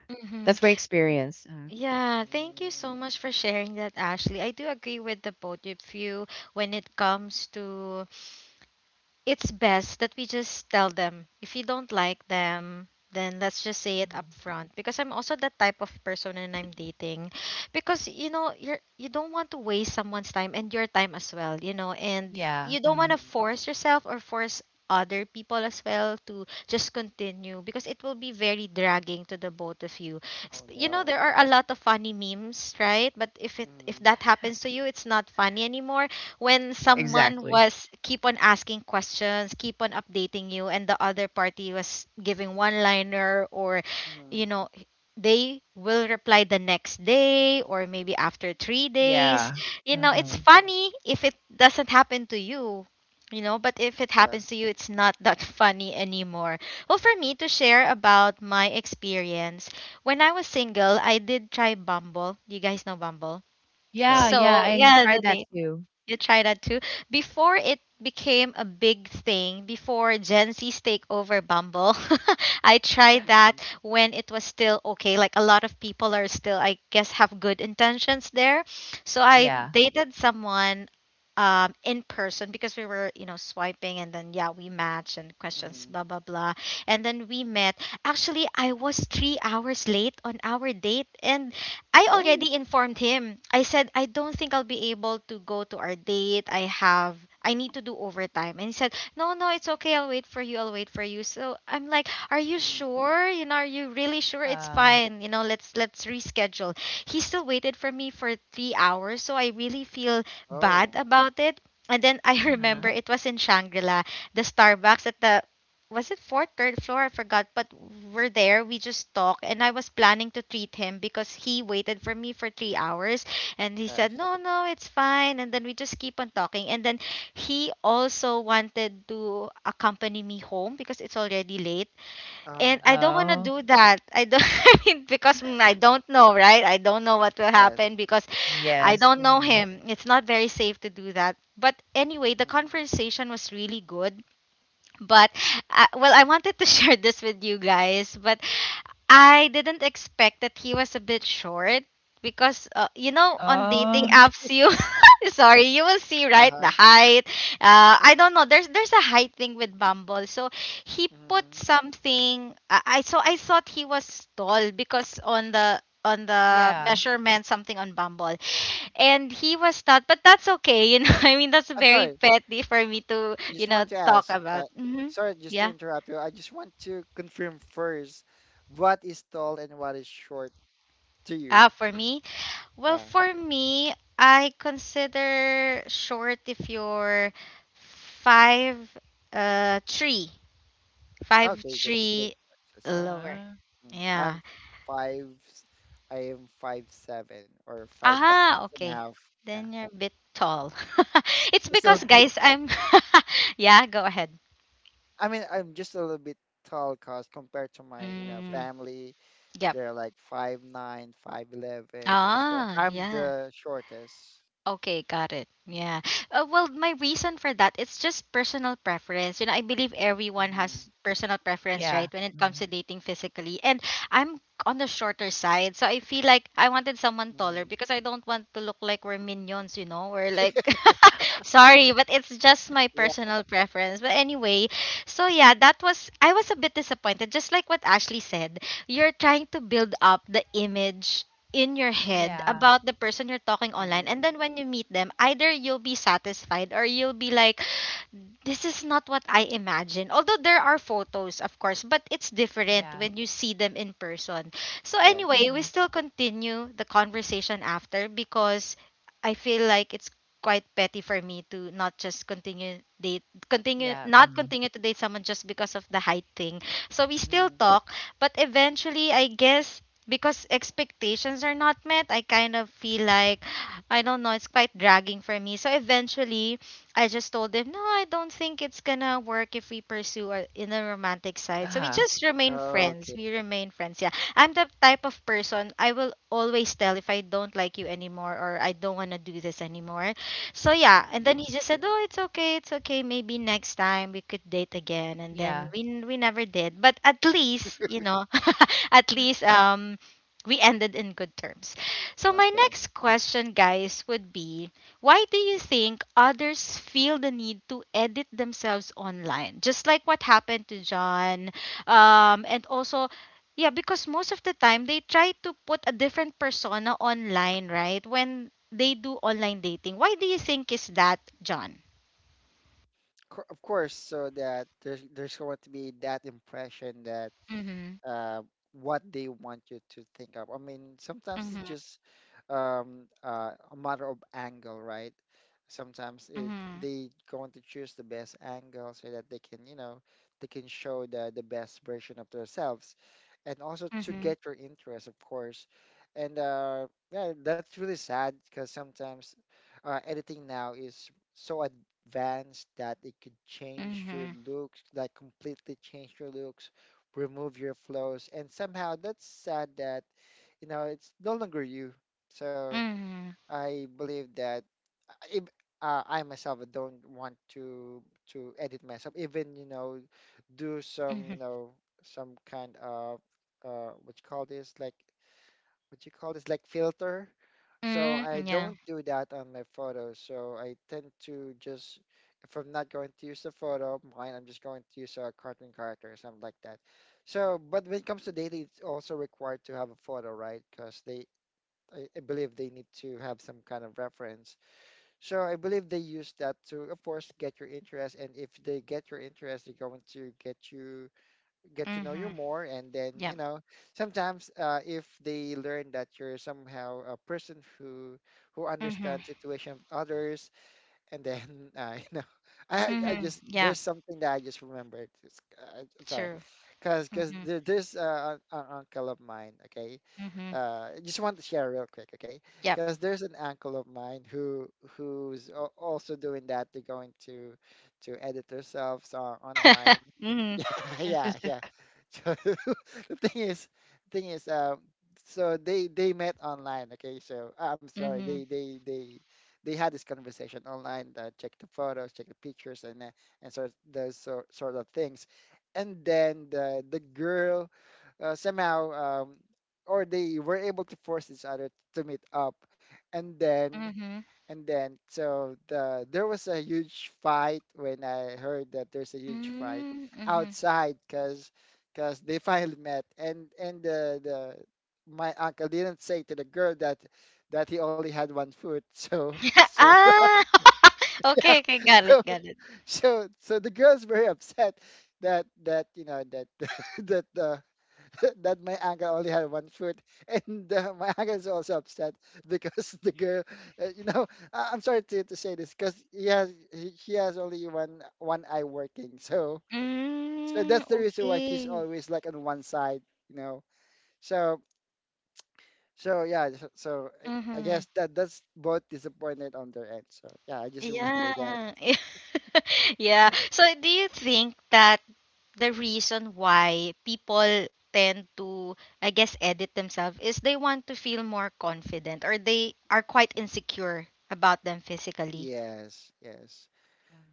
Speaker 1: Mm-hmm.
Speaker 3: that's my experience.
Speaker 1: Yeah, thank you
Speaker 2: Mm-hmm.
Speaker 1: so much for sharing that, Ashley. I do agree with the both of you when it comes to it's best that we just tell them if you don't like them, then let's just say it up
Speaker 3: Mhm.
Speaker 1: front, because I'm also that type of person and I'm dating. Because, you know, you don't want to waste someone's time and your time as well, you know. And
Speaker 3: Yeah.
Speaker 1: you don't want
Speaker 3: Mm.
Speaker 1: to force yourself or force other people as well to just continue because it will be very dragging to the both of you.
Speaker 2: Oh
Speaker 1: You know,
Speaker 2: no.
Speaker 1: there are a lot of funny memes, right? But if
Speaker 2: Mm,
Speaker 1: that happens to you, it's not funny anymore, when
Speaker 2: yeah.
Speaker 1: someone
Speaker 3: Exactly.
Speaker 1: was keep on asking questions, keep on updating you, and the other party was giving one liner, or,
Speaker 2: Mm-hmm.
Speaker 1: you know, they will reply the next day or maybe after 3 days.
Speaker 3: Yeah.
Speaker 1: You know, it's
Speaker 3: Hmm.
Speaker 1: funny if it doesn't happen to you. You know, but if it
Speaker 2: Yeah.
Speaker 1: happens to you, it's not that funny anymore. Well, for me to share about my experience, when I was single, I did try Bumble. You guys know Bumble?
Speaker 3: Yeah.
Speaker 2: No.
Speaker 3: Yeah.
Speaker 1: So,
Speaker 3: I
Speaker 1: yeah,
Speaker 3: tried that too.
Speaker 1: you try that too. Before it became a big thing, before Gen Z's take over Bumble, I tried that
Speaker 2: Mhm.
Speaker 1: when it was still okay. Like, a lot of people are still, I guess, have good intentions there. So I
Speaker 2: Mhm.
Speaker 3: Yeah.
Speaker 1: dated someone in person, because we were, you know, swiping and then, yeah, we matched and questions,
Speaker 2: Mhm.
Speaker 1: blah, blah, blah. And then we met. Actually, I was 3 hours late on our date. And I
Speaker 2: Oh.
Speaker 1: already informed him. I said I don't think I'll be able to go to our date. I need to do overtime. And he said, "No, no, it's okay. I'll wait for you. I'll wait for you." So I'm like, "Are you
Speaker 2: Mhm.
Speaker 1: sure? You know, are you really sure it's
Speaker 3: Um.
Speaker 1: fine? You know, let's reschedule." He still waited for me for 3 hours, so I really feel bad
Speaker 2: Oh.
Speaker 1: about it. And then I remember
Speaker 3: Mhm.
Speaker 1: it was in Shangri-La, the Starbucks at the, was it fourth, third floor? I forgot. But we're there. We just talk, and I was planning to treat him because he waited for me for 3 hours, and he said,
Speaker 2: Yes.
Speaker 1: "No, no, it's fine." And then we just keep on talking, and then he also wanted to accompany me home because it's already late,
Speaker 2: Uh.
Speaker 1: and I don't want to
Speaker 3: Oh.
Speaker 1: do that. I don't. I mean, because, I don't know, right? I don't know what will
Speaker 2: Yes.
Speaker 1: happen because I
Speaker 3: Yes.
Speaker 1: don't know
Speaker 3: Hmm.
Speaker 1: him. It's not very safe to do that. But anyway, the
Speaker 2: Mhm.
Speaker 1: conversation was really good, but, well, I wanted to share this with you guys, but I didn't expect that he was a bit short, because you know, on dating
Speaker 3: Oh.
Speaker 1: apps, you sorry, you will see,
Speaker 2: Uh
Speaker 1: right,
Speaker 2: huh.
Speaker 1: the height. Uh, I don't know, there's a height thing with Bumble, so he put
Speaker 2: Mhm.
Speaker 1: something, I so I thought he was tall, because on the
Speaker 3: Yeah.
Speaker 1: measurement something on Bumble, and he was not, but that's okay, you know. I mean, that's
Speaker 2: I'm
Speaker 1: very
Speaker 2: sorry.
Speaker 1: petty for me to,
Speaker 2: I
Speaker 1: you
Speaker 2: just
Speaker 1: know,
Speaker 2: want to
Speaker 1: talk
Speaker 2: ask.
Speaker 1: about. Hmm.
Speaker 2: Sorry, just to
Speaker 1: Yeah.
Speaker 2: interrupt you. I just want to confirm first, what is tall and what is short to you?
Speaker 1: Ah, for me, well,
Speaker 2: Yeah.
Speaker 1: for me, I consider short if you're five, three. Five
Speaker 2: Okay. That's that's,
Speaker 1: three
Speaker 2: that's short.
Speaker 1: lower.
Speaker 3: Uh.
Speaker 2: Mm.
Speaker 1: Yeah.
Speaker 2: I'm five. I am 5'7" or 5'6"
Speaker 1: Ah,
Speaker 2: and a
Speaker 1: okay.
Speaker 2: half. Yeah.
Speaker 1: Then you're a bit tall. It's
Speaker 2: Just a
Speaker 1: because,
Speaker 2: bit
Speaker 1: guys, I'm... yeah, go ahead.
Speaker 2: I mean, I'm just a little bit tall cause compared to my, you know,
Speaker 1: Mm,
Speaker 2: family,
Speaker 1: yep.
Speaker 2: they're like 5'9", 5'11". So
Speaker 1: Ah,
Speaker 2: I'm
Speaker 1: yeah.
Speaker 2: the shortest.
Speaker 1: Okay, got it. Yeah. Well, my reason for that, it's just personal preference. You know, I believe everyone
Speaker 2: Mm-hmm.
Speaker 1: has personal preference,
Speaker 3: Yeah.
Speaker 1: right, when it comes
Speaker 3: Mm.
Speaker 1: to dating physically. And I'm on the shorter side, so I feel like I wanted someone taller
Speaker 2: Hmm.
Speaker 1: because I don't want to look like we're minions, you know, or like sorry, but it's just my
Speaker 2: Yeah.
Speaker 1: personal preference. But anyway, so yeah, that was I was a bit disappointed, just like what Ashley said. You're trying to build up the image in your head
Speaker 3: Yeah.
Speaker 1: about the person you're talking online, and
Speaker 2: Mm-hmm.
Speaker 1: then when you meet them, either you'll be satisfied or you'll be like, this is not what I imagine. Although there are photos, of course, but it's different
Speaker 3: Yeah.
Speaker 1: when you see them in person. So
Speaker 2: Yes.
Speaker 1: anyway, we
Speaker 3: Hmm.
Speaker 1: still continue the conversation after, because I feel like it's quite petty for me to not just continue date continue
Speaker 3: Yeah.
Speaker 1: not
Speaker 3: Mm.
Speaker 1: continue to date someone just because of the height thing. So we still
Speaker 2: Mm-hmm.
Speaker 1: talk, but eventually I guess because expectations are not met, I kind of feel like, I don't know, it's quite dragging for me. So eventually I just told him, no, I don't think it's gonna work if we pursue in a romantic
Speaker 3: Uh
Speaker 1: side. So we
Speaker 3: huh.
Speaker 1: just remain friends.
Speaker 2: Okay.
Speaker 1: We remain friends. Yeah, I'm the type of person, I will always tell if I don't like you anymore or I don't wanna do this anymore. So yeah, and then
Speaker 2: Mhm.
Speaker 1: he just said,
Speaker 2: Okay.
Speaker 1: oh, it's okay, it's okay. Maybe next time we could date again. And then
Speaker 3: Yeah.
Speaker 1: we never did. But at least, you know, at least, we
Speaker 2: Uh,
Speaker 1: ended in good terms. So my
Speaker 2: Okay.
Speaker 1: next question, guys, would be, why do you think others feel the need to edit themselves online? Just like what happened to John. And also, yeah, because most of the time they try to put a different persona online, right? When they do online dating. Why do you think is that, John?
Speaker 2: Of course, so that there's going to be that impression that
Speaker 1: Mm-hmm.
Speaker 2: uh, what they want you to think of. I mean, sometimes it's
Speaker 1: Mm-hmm.
Speaker 2: just a matter of angle, right? Sometimes it
Speaker 1: Mm-hmm.
Speaker 2: they going to choose the best angle so that they can, you know, they can show the best version of themselves, and also to
Speaker 1: Mm-hmm.
Speaker 2: get your interest, of course. And Yeah, that's really sad because sometimes editing now is so advanced that it could change your looks, like completely change your looks, remove your flows, and somehow that's sad that, you know, it's no longer you. So
Speaker 1: Mm-hmm.
Speaker 2: I believe that if, I myself don't want to edit myself, even, you know, do
Speaker 1: Mm-hmm.
Speaker 2: some, you
Speaker 1: Mm-hmm.
Speaker 2: know, some kind of uh what you call this like what you call this like filter. So I
Speaker 1: Mm-hmm. Yeah.
Speaker 2: don't do that on my photos. So I tend to just, if I'm not going to use the photo of mine, I'm just going to use a cartoon character or something like that. So, but when it comes to data, it's also required to have a photo, right? Because they, I believe they need to have some kind of reference. So I believe they use that to, of course, get your interest. And if they get your interest, they're going to get you, get to know
Speaker 1: Mm-hmm.
Speaker 2: you more, and then,
Speaker 1: Yeah.
Speaker 2: you know, sometimes if they learn that you're somehow a person who
Speaker 1: Mm-hmm.
Speaker 2: understands situation of others, and then you know, I
Speaker 1: Mm-hmm.
Speaker 2: just,
Speaker 1: Yeah.
Speaker 2: there's something that I just remembered. I'm sorry.
Speaker 1: True. Mm-hmm.
Speaker 2: There's an uncle of mine, okay,
Speaker 1: Mm-hmm.
Speaker 2: I just want to share real quick, okay?
Speaker 1: Yep.
Speaker 2: Because there's an uncle of mine who, also doing that. They're going to edit themselves on online.
Speaker 1: Mm-hmm.
Speaker 2: Yeah, yeah. So the thing is, the thing is, so they met online. Okay, so I'm sorry, they
Speaker 1: Mhm.
Speaker 2: they they they had this conversation online. Check the photos, check the pictures, and sort of things. And then the girl somehow or they were able to force each other to meet up, and then,
Speaker 1: Mhm.
Speaker 2: and then, so the, there was a huge fight. When I heard that, there's a huge fight
Speaker 1: Mm, mhm.
Speaker 2: outside, because they finally met, and the my uncle didn't say to the girl that he only had one foot, so so
Speaker 1: Ah. Okay, okay. Got it, got it.
Speaker 2: so, so the girls were upset that, you know, that that the that my uncle only had one foot, and my uncle is also upset because the girl, you know, I- I'm sorry to say this, because he has only one eye working, so so
Speaker 1: Mm,
Speaker 2: that's the reason why she's
Speaker 1: okay.
Speaker 2: always like on one side, you know. So so, yeah. I guess
Speaker 1: Mhm.
Speaker 2: that's both disappointed on their end. So yeah, I just remember that.
Speaker 1: Yeah. Yeah. So do you think that the reason why people tend to, I guess, edit themselves is they want to feel more confident or they are quite
Speaker 2: Yes,
Speaker 1: insecure about them physically?
Speaker 2: yes.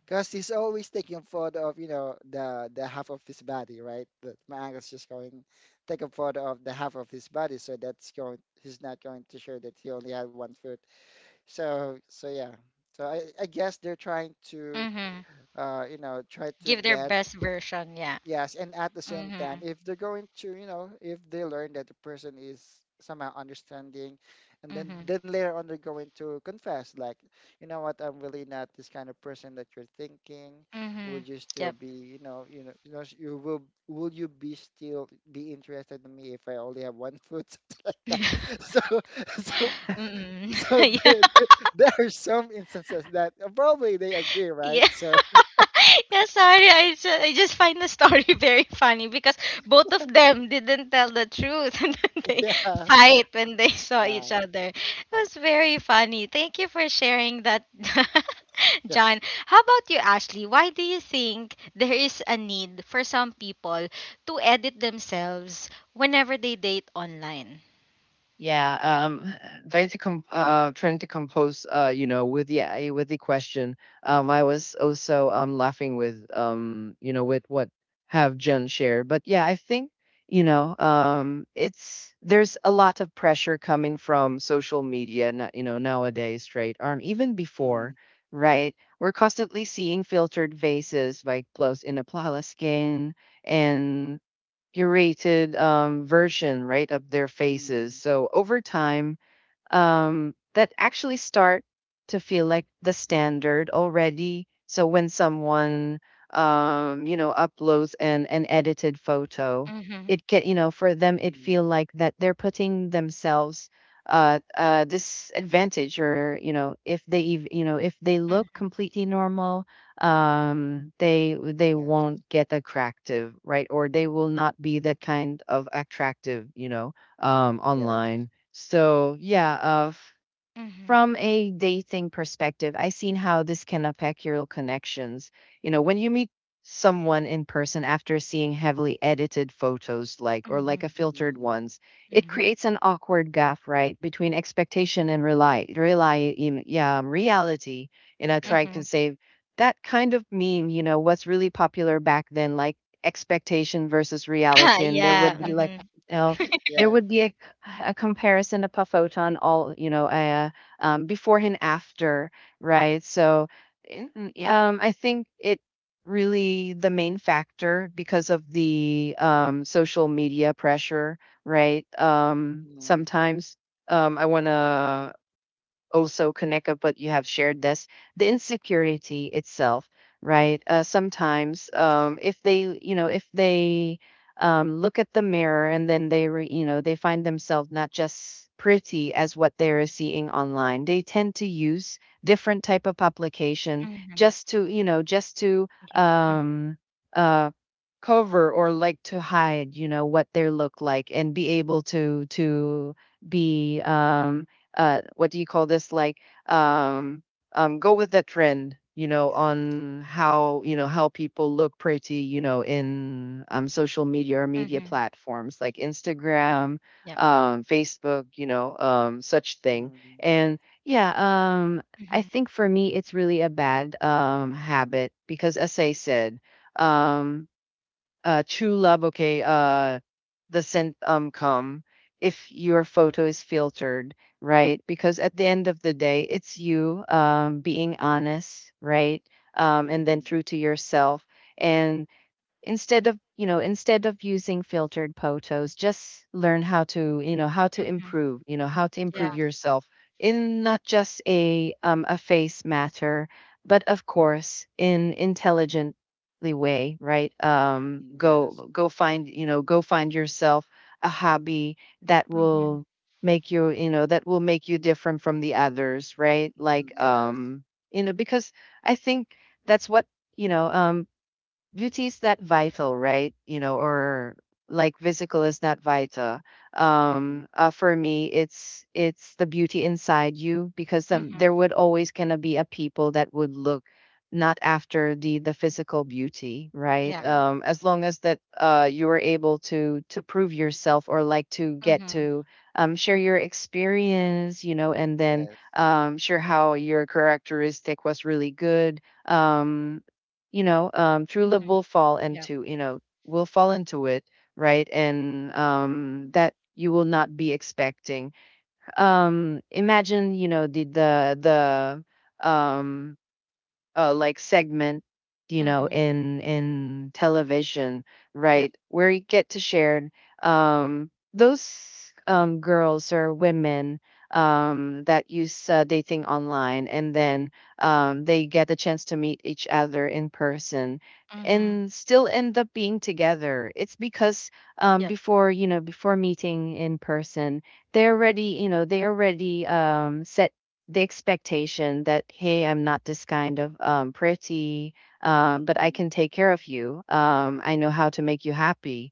Speaker 2: Because he's always taking a photo of, you know, the half of his body, right? But my uncle's just going take a photo of the half of his body, so that's going, he's not going to show that he only had one foot. So so yeah. So I guess they're trying to
Speaker 1: Mhm.
Speaker 2: you know, try to
Speaker 1: Give their
Speaker 2: get.
Speaker 1: best version, yeah.
Speaker 2: Yes, and at the same time,
Speaker 1: Mhm.
Speaker 2: if they're going to, you know, if they learn that the person is somehow understanding, and then
Speaker 1: Mhm.
Speaker 2: then later on they're going to confess, like, you know what, I'm really not this kind of person that you're thinking.
Speaker 1: Mhm.
Speaker 2: Would you still
Speaker 1: Yep.
Speaker 2: be, you know, you will you be still be interested in me if I only have one foot, something like that. So, so,
Speaker 1: Mm.
Speaker 2: so
Speaker 1: Yeah,
Speaker 2: there, there there are some instances that probably they agree, right?
Speaker 1: yeah,
Speaker 2: So,
Speaker 1: yeah. Sorry, I just find the story very funny because both of them didn't tell the truth, and then they
Speaker 2: yeah,
Speaker 1: fight when they saw each
Speaker 2: yeah,
Speaker 1: other. It was very funny. Thank you for sharing that,
Speaker 2: yeah.
Speaker 1: John. How about you, Ashley? Why do you think there is a need for some people to edit themselves whenever they date online?
Speaker 3: Yeah, trying to compose, you know, with the with the question. I was also laughing with you know, with what have Jen shared. But yeah, I think you know, it's there's a lot of pressure coming from social media, you know, nowadays, right? Even before, right? We're constantly seeing filtered faces, like clothes in a pala skin and curated version, right, of their faces.
Speaker 2: Hmm.
Speaker 3: So over time, that actually start to feel like the standard already. So when someone, you know, uploads an edited photo,
Speaker 1: Mm-hmm.
Speaker 3: it can, you know, for them, it feel
Speaker 2: Mm,
Speaker 3: like that they're putting themselves disadvantage or, you know, if they, you know, if they look
Speaker 1: Mm-hmm.
Speaker 3: completely normal, they
Speaker 2: yes,
Speaker 3: won't get attractive, right? Or they will not be that kind of attractive, you know,
Speaker 2: yes,
Speaker 3: online so yeah,
Speaker 1: Mm-hmm.
Speaker 3: from a dating perspective, I've seen how this can affect your connections. You know, when you meet someone in person after seeing heavily edited photos, like, or like
Speaker 1: Mm-hmm.
Speaker 3: a filtered
Speaker 2: mm-hmm,
Speaker 3: ones, it creates an awkward gap, right, between expectation and yeah, reality. And I try
Speaker 2: yes,
Speaker 1: Mm-hmm.
Speaker 3: to say that kind of meme, you know, what's really popular back then, like expectation versus reality. And there
Speaker 1: yeah.
Speaker 3: would be like, you know, there
Speaker 2: yeah,
Speaker 3: would be a comparison of a photon all, you know, a before and after, right? So, yeah, I think it really the main factor because of the social media pressure, right?
Speaker 2: mm,
Speaker 3: Sometimes I want to also connect up what you have shared this the insecurity itself right sometimes
Speaker 2: yes,
Speaker 3: if they you know if they look at the mirror and then they you know they find themselves not just pretty as what they're seeing online they tend to use different type of publication
Speaker 1: Mhm,
Speaker 3: just to you know just to
Speaker 1: ye mm,
Speaker 3: um, um, cover or like to hide you know what they look like and be able to be what do you call this like um go with the trend you know
Speaker 2: yes,
Speaker 3: on how you know how people look pretty you know in social media or media
Speaker 1: mhm,
Speaker 3: platforms like Instagram,
Speaker 1: yep,
Speaker 3: Facebook, you know, such thing,
Speaker 2: mm,
Speaker 3: and yeah, um I
Speaker 1: mhm,
Speaker 3: think for me it's really a bad habit because as I said um true love, okay, the scent come if your photo is filtered, right? Because at the end of the day, it's you being honest, right? And then
Speaker 2: mm,
Speaker 3: true to yourself. And instead of you know instead of using filtered photos just learn how to you know how to improve you know how to improve
Speaker 1: yeah,
Speaker 2: yes,
Speaker 3: yourself in not just a face matter but of course in intelligently way right
Speaker 2: mm, yes,
Speaker 3: go go find you know go find yourself a hobby that
Speaker 1: mhm,
Speaker 3: will make you you know that will make you different from the others right
Speaker 2: mm,
Speaker 3: like
Speaker 2: yes,
Speaker 3: you know because I think that's what you know beauty is not vital, right? You know, or like physical is not vital.
Speaker 2: mm,
Speaker 3: For me, it's the beauty inside you because
Speaker 1: mhm,
Speaker 3: there would always gonna be a people that would look not after the physical beauty, right?
Speaker 1: yep,
Speaker 2: yes,
Speaker 3: As long as that you were able to prove yourself or like to get
Speaker 1: mhm,
Speaker 3: to share your experience, you know, and then
Speaker 2: yes,
Speaker 3: share how your characteristic was really good um you know, Trula will
Speaker 1: mhm,
Speaker 3: fall
Speaker 1: yep,
Speaker 3: into, you know, will fall into it, right? And that you will not be expecting. Imagine, you know, the like segment you know
Speaker 1: mhm,
Speaker 3: in television right
Speaker 1: yep,
Speaker 3: where you get to share those girls or women that use dating online and then they get a chance to meet each other in person
Speaker 1: mhm,
Speaker 3: and still end up being together it's because
Speaker 1: yep,
Speaker 3: before you know before meeting in person they already you know they already set the expectation that hey I'm not this kind of pretty
Speaker 2: yes, mm,
Speaker 3: but I
Speaker 2: mm,
Speaker 3: can take care of you I know how to make you happy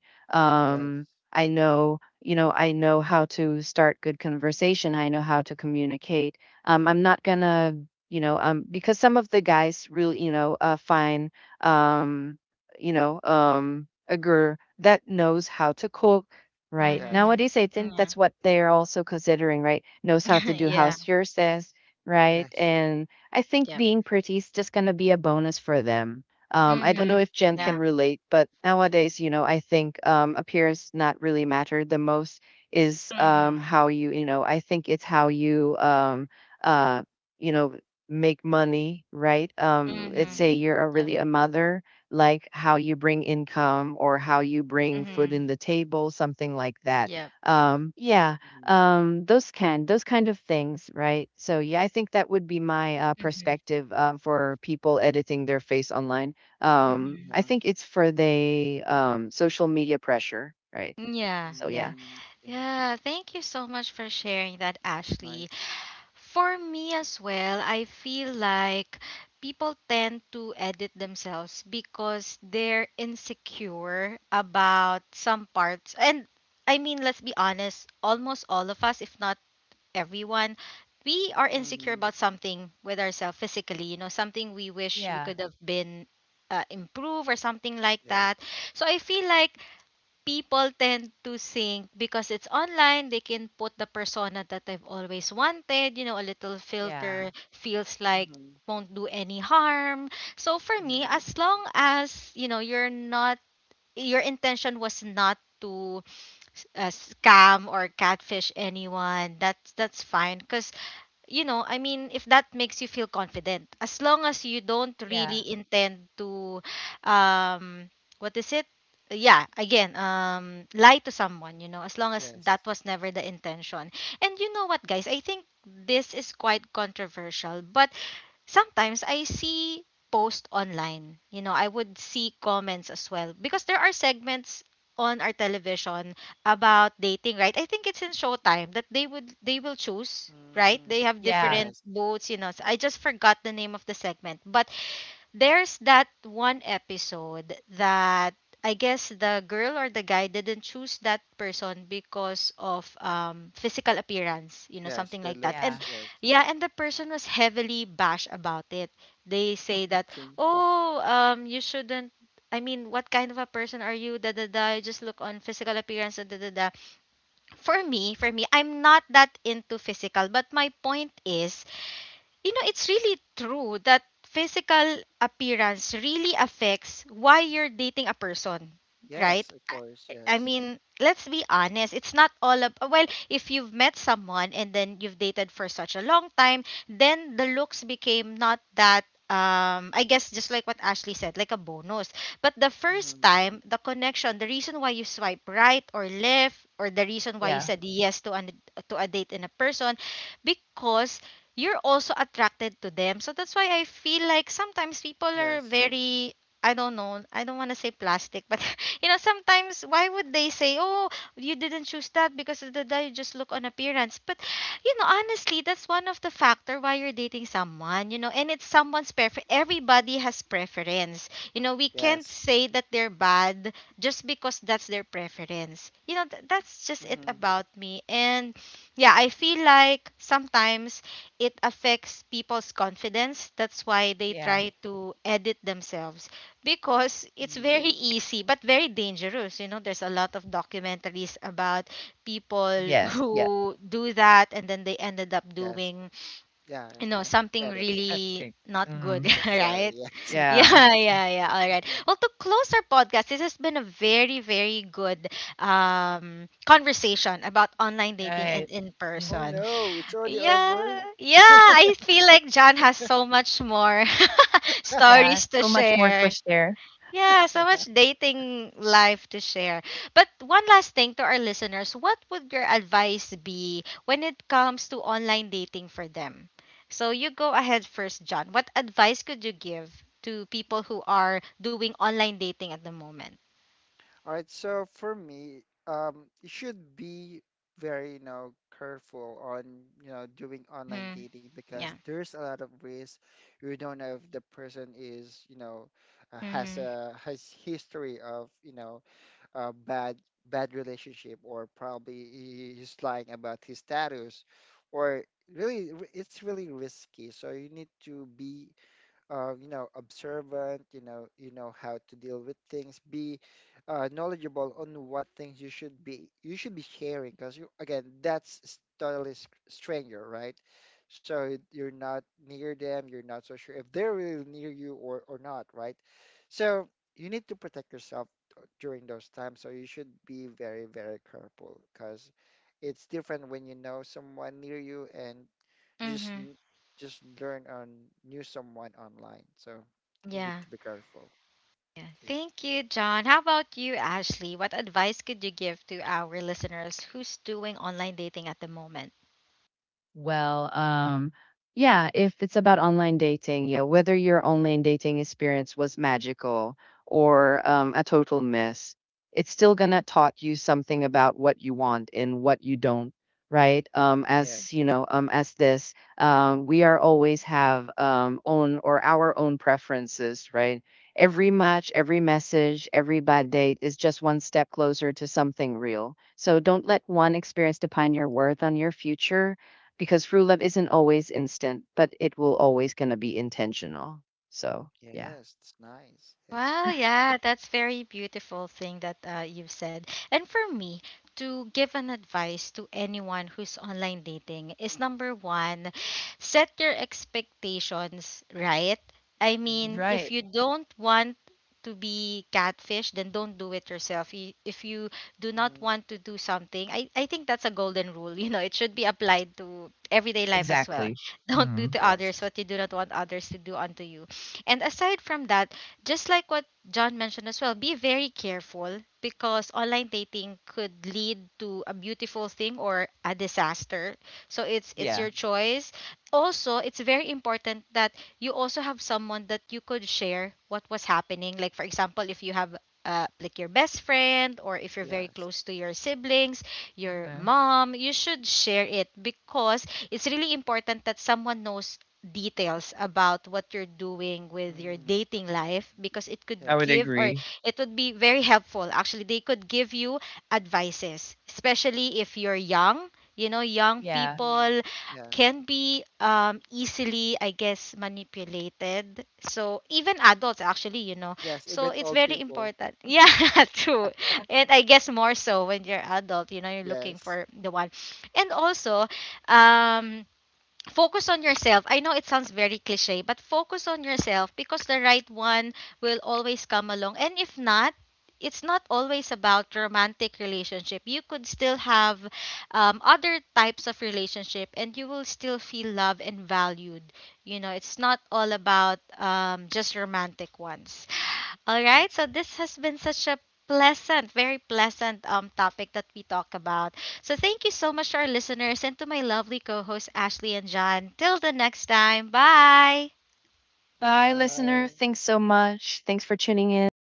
Speaker 2: yes,
Speaker 3: I know you know I know how to start good conversation I know how to communicate I'm not gonna you know because some of the guys really you know find um, you know a girl that knows how to cook right.
Speaker 2: yes,
Speaker 1: mhm,
Speaker 3: Nowadays, I think
Speaker 1: yeah,
Speaker 3: that's what they're also considering, right? Knows how to do
Speaker 1: yeah,
Speaker 3: house chores, right?
Speaker 2: yes,
Speaker 3: And I think
Speaker 1: yep,
Speaker 3: being pretty is just gonna be a bonus for them. I don't know
Speaker 1: mhm,
Speaker 3: if Jen
Speaker 2: mm,
Speaker 3: can
Speaker 1: yeah,
Speaker 3: relate, but nowadays, you know, I think appearance not really matter. The most is
Speaker 1: mhm,
Speaker 3: how you, you know, I think it's how you, uh, you know, make money, right? Let's
Speaker 1: mhm,
Speaker 3: say
Speaker 2: mm,
Speaker 3: you're a,
Speaker 1: yep,
Speaker 3: really a mother like how you bring income or how you bring food
Speaker 1: mhm,
Speaker 3: in the table something like that
Speaker 1: yep,
Speaker 3: yeah
Speaker 2: mm,
Speaker 3: those can those kind of things right so yeah I think that would be my
Speaker 1: mhm,
Speaker 3: perspective for people editing their face online I
Speaker 1: mhm,
Speaker 2: yeah,
Speaker 3: think it's for the social media pressure right
Speaker 1: yeah,
Speaker 3: so yeah
Speaker 1: yeah.
Speaker 2: mm, okay,
Speaker 1: Yeah, thank you so much for sharing that,
Speaker 2: it's
Speaker 1: Ashley.
Speaker 2: nice,
Speaker 1: For me as well, I feel like people tend to edit themselves because they're insecure about some parts. And I mean, let's be honest, almost all of us, if not everyone, we are insecure
Speaker 2: mm,
Speaker 1: about something with ourselves physically, you know, something we wish we
Speaker 3: Yeah,
Speaker 1: could have been, improve, or something like that.
Speaker 2: yes,
Speaker 1: So I feel like people tend to think, because it's online, they can put the persona that I've always wanted. You know, a little
Speaker 3: yeah,
Speaker 1: filter feels like
Speaker 2: mm,
Speaker 1: won't do any harm. So for me,
Speaker 2: mm,
Speaker 1: as long as, you know, you're not, your intention was not to scam or catfish anyone, that's fine. Because, you know, I mean, if that makes you feel confident, as long as you don't
Speaker 3: yeah,
Speaker 1: really intend to, um, what is it? Yeah, again, lie to someone, you know, as long as
Speaker 2: yes,
Speaker 1: that was never the intention. And you know what, guys, I think this is quite controversial, but sometimes I see posts online. You know, I would see comments as well, because there are segments on our television about dating, right? I think it's in Showtime that they will choose, right?
Speaker 2: mm,
Speaker 1: They have
Speaker 3: yeah,
Speaker 1: different
Speaker 2: yes,
Speaker 1: booths, you know. So I just forgot the name of the segment, but there's that one episode that, I guess, the girl or the guy didn't choose that person because of physical appearance, you know, something
Speaker 2: yes, their
Speaker 1: like that.
Speaker 2: looks,
Speaker 1: And
Speaker 3: yeah,
Speaker 2: yes.
Speaker 1: yeah, and the person was heavily bashed about it. They say that,
Speaker 2: King.
Speaker 1: "Oh, you shouldn't I mean, what kind of a person are you? Da da da. You just look on physical appearance. Da da da da. For me, I'm not that into physical. But my point is, you know, it's really true that physical appearance really affects why you're dating a person, right?
Speaker 2: Yes, of course.
Speaker 1: I, I
Speaker 2: Yes.
Speaker 1: mean, let's be honest. It's not all of well, if you've met someone and then you've dated for such a long time, then the looks became not that I guess just like what Ashley said, like a bonus. But the first
Speaker 2: Hmm.
Speaker 1: time, the connection, the reason why you swipe right or left or the reason why you
Speaker 3: yeah,
Speaker 1: said yes to an to a date in a person because you're also attracted to them. So that's why I feel like sometimes people are
Speaker 2: Yes.
Speaker 1: very I don't know. I don't want to say plastic, but sometimes why would they say, "Oh, you didn't choose that because of the you just look on appearance." But you know, honestly, that's one of the factor why you're dating someone, you know, and it's someone's prefer everybody has preference. You know, we can't
Speaker 2: Yes.
Speaker 1: say that they're bad just because that's their preference. You know, that's just it
Speaker 2: Hmm.
Speaker 1: about me. And yeah, I feel like sometimes it affects people's confidence. That's why they
Speaker 3: yeah.
Speaker 1: try to edit themselves because it's
Speaker 2: Hmm.
Speaker 1: very easy but very dangerous. You know, there's a lot of documentaries about people
Speaker 3: Yes, yeah.
Speaker 1: who do that and then they ended up
Speaker 2: Yes.
Speaker 1: doing,
Speaker 2: Yeah.
Speaker 1: you know,
Speaker 2: Yeah.
Speaker 1: something
Speaker 2: Get it. But
Speaker 3: That's
Speaker 1: really
Speaker 3: it.
Speaker 1: not good,
Speaker 3: Hmm.
Speaker 2: unnecessary.
Speaker 1: right?
Speaker 2: Yes.
Speaker 3: Yeah.
Speaker 1: Yeah, yeah, yeah. All right.
Speaker 2: Mhm.
Speaker 1: Well, to close our podcast, this has been a very, very good conversation about online dating and
Speaker 3: Right.
Speaker 1: in
Speaker 2: Oh
Speaker 1: person.
Speaker 3: Hmm.
Speaker 2: no, it's already
Speaker 1: Yeah,
Speaker 2: over.
Speaker 1: yeah, I feel like John has so much more
Speaker 3: Yeah,
Speaker 1: stories to
Speaker 3: so much more
Speaker 1: share.
Speaker 3: twist there.
Speaker 1: Yeah, so much dating life to share. But one last thing to our listeners, what would your advice be when it comes to online dating for them? So you go ahead first, John. What advice could you give to people who are doing online dating at the moment?
Speaker 2: All right. So for me, you should be very, you know, careful on, you know, doing online
Speaker 1: Mm-hmm.
Speaker 2: dating, because
Speaker 1: Yeah.
Speaker 2: there's a lot of risk. You don't know if the person is, you know,
Speaker 1: Mm-hmm.
Speaker 2: has history of, you know, bad, bad relationship, or probably he's lying about his status, or really it's really risky. So you need to be you know, observant, you know how to deal with things, be knowledgeable on what things you should be sharing, because you, again, that's totally stranger, right? So you're not near them, you're not so sure if they're really near you or not, right? So you need to protect yourself during those times, so you should be very, very careful, because it's different when you know someone near you and just
Speaker 1: Mm-hmm.
Speaker 2: n- just learn on new someone online. So we need to
Speaker 1: Yeah.
Speaker 2: be careful.
Speaker 1: Yeah.
Speaker 2: So, yeah.
Speaker 1: Thank you, John. How about you, Ashley? What advice could you give to our listeners who's doing online dating at the moment?
Speaker 3: Well, yeah, if it's about online dating, yeah, whether your online dating experience was magical or a total miss, it's still gonna taught you something about what you want and what you don't, right? As
Speaker 2: Yes.
Speaker 3: you know, we are always have own or our own preferences, right? Every match, every message, every bad date is just one step closer to something real. So don't let
Speaker 2: Mhm.
Speaker 3: one experience define your worth on your future because through love isn't always instant, but it will always gonna be intentional. So yeah.
Speaker 2: Yes, it's nice. Yes.
Speaker 1: Wow, yeah, that's very beautiful thing that you've said. And for me, to give an advice to anyone who's online dating is number one, set your expectations right. I mean,
Speaker 2: Mm-hmm.
Speaker 1: if
Speaker 3: Right.
Speaker 1: you don't want to be catfish, then don't do it yourself. If you do not
Speaker 2: Mm-hmm.
Speaker 1: want to do something, I think that's a golden rule. You know, it should be applied to everyday life as well.
Speaker 3: Exactly.
Speaker 1: Don't do
Speaker 3: Hmm.
Speaker 1: to others
Speaker 2: Yes.
Speaker 1: what you do not want others to do unto you. And aside from that, just like what John mentioned as well, be very careful because online dating could lead to a beautiful thing or a disaster. So it's
Speaker 2: Mm-hmm.
Speaker 3: Yeah.
Speaker 1: your choice. Also, it's very important that you also have someone that you could share what was happening. Like for example, if you have like your best friend or if you're very
Speaker 2: Yes.
Speaker 1: close to your siblings, your
Speaker 3: Okay.
Speaker 1: mom, you should share it because it's really important that someone knows details about what you're doing with your
Speaker 2: Mm-hmm.
Speaker 1: dating life because it could
Speaker 3: I would
Speaker 2: Yes.
Speaker 1: give or
Speaker 3: agree.
Speaker 1: it would be very helpful actually they could give you advices especially if you're young you know young
Speaker 3: Yeah.
Speaker 2: Mm-hmm.
Speaker 1: people
Speaker 2: Yes.
Speaker 1: can be easily I guess manipulated so even adults actually you know
Speaker 2: Yes.
Speaker 1: so
Speaker 2: Even
Speaker 1: it's
Speaker 2: old
Speaker 1: very
Speaker 2: people.
Speaker 1: important yeah true and I guess more so when you're adult you know you're looking
Speaker 2: Yes.
Speaker 1: for the one and also um focus on yourself. I know it sounds very cliche, but focus on yourself because the right one will always come along. And if not, it's not always about romantic relationship. You could still have other types of relationship, and you will still feel loved and valued. You know, it's not all about just romantic ones. All right,
Speaker 2: Yes.
Speaker 1: so this has been such a pleasant, very pleasant topic that we talk about. So thank you so much to our listeners and to my lovely co-hosts Ashley and John. Till the next time, bye.
Speaker 3: Bye, listener.
Speaker 2: Bye.
Speaker 3: Thanks so much. Thanks for tuning in.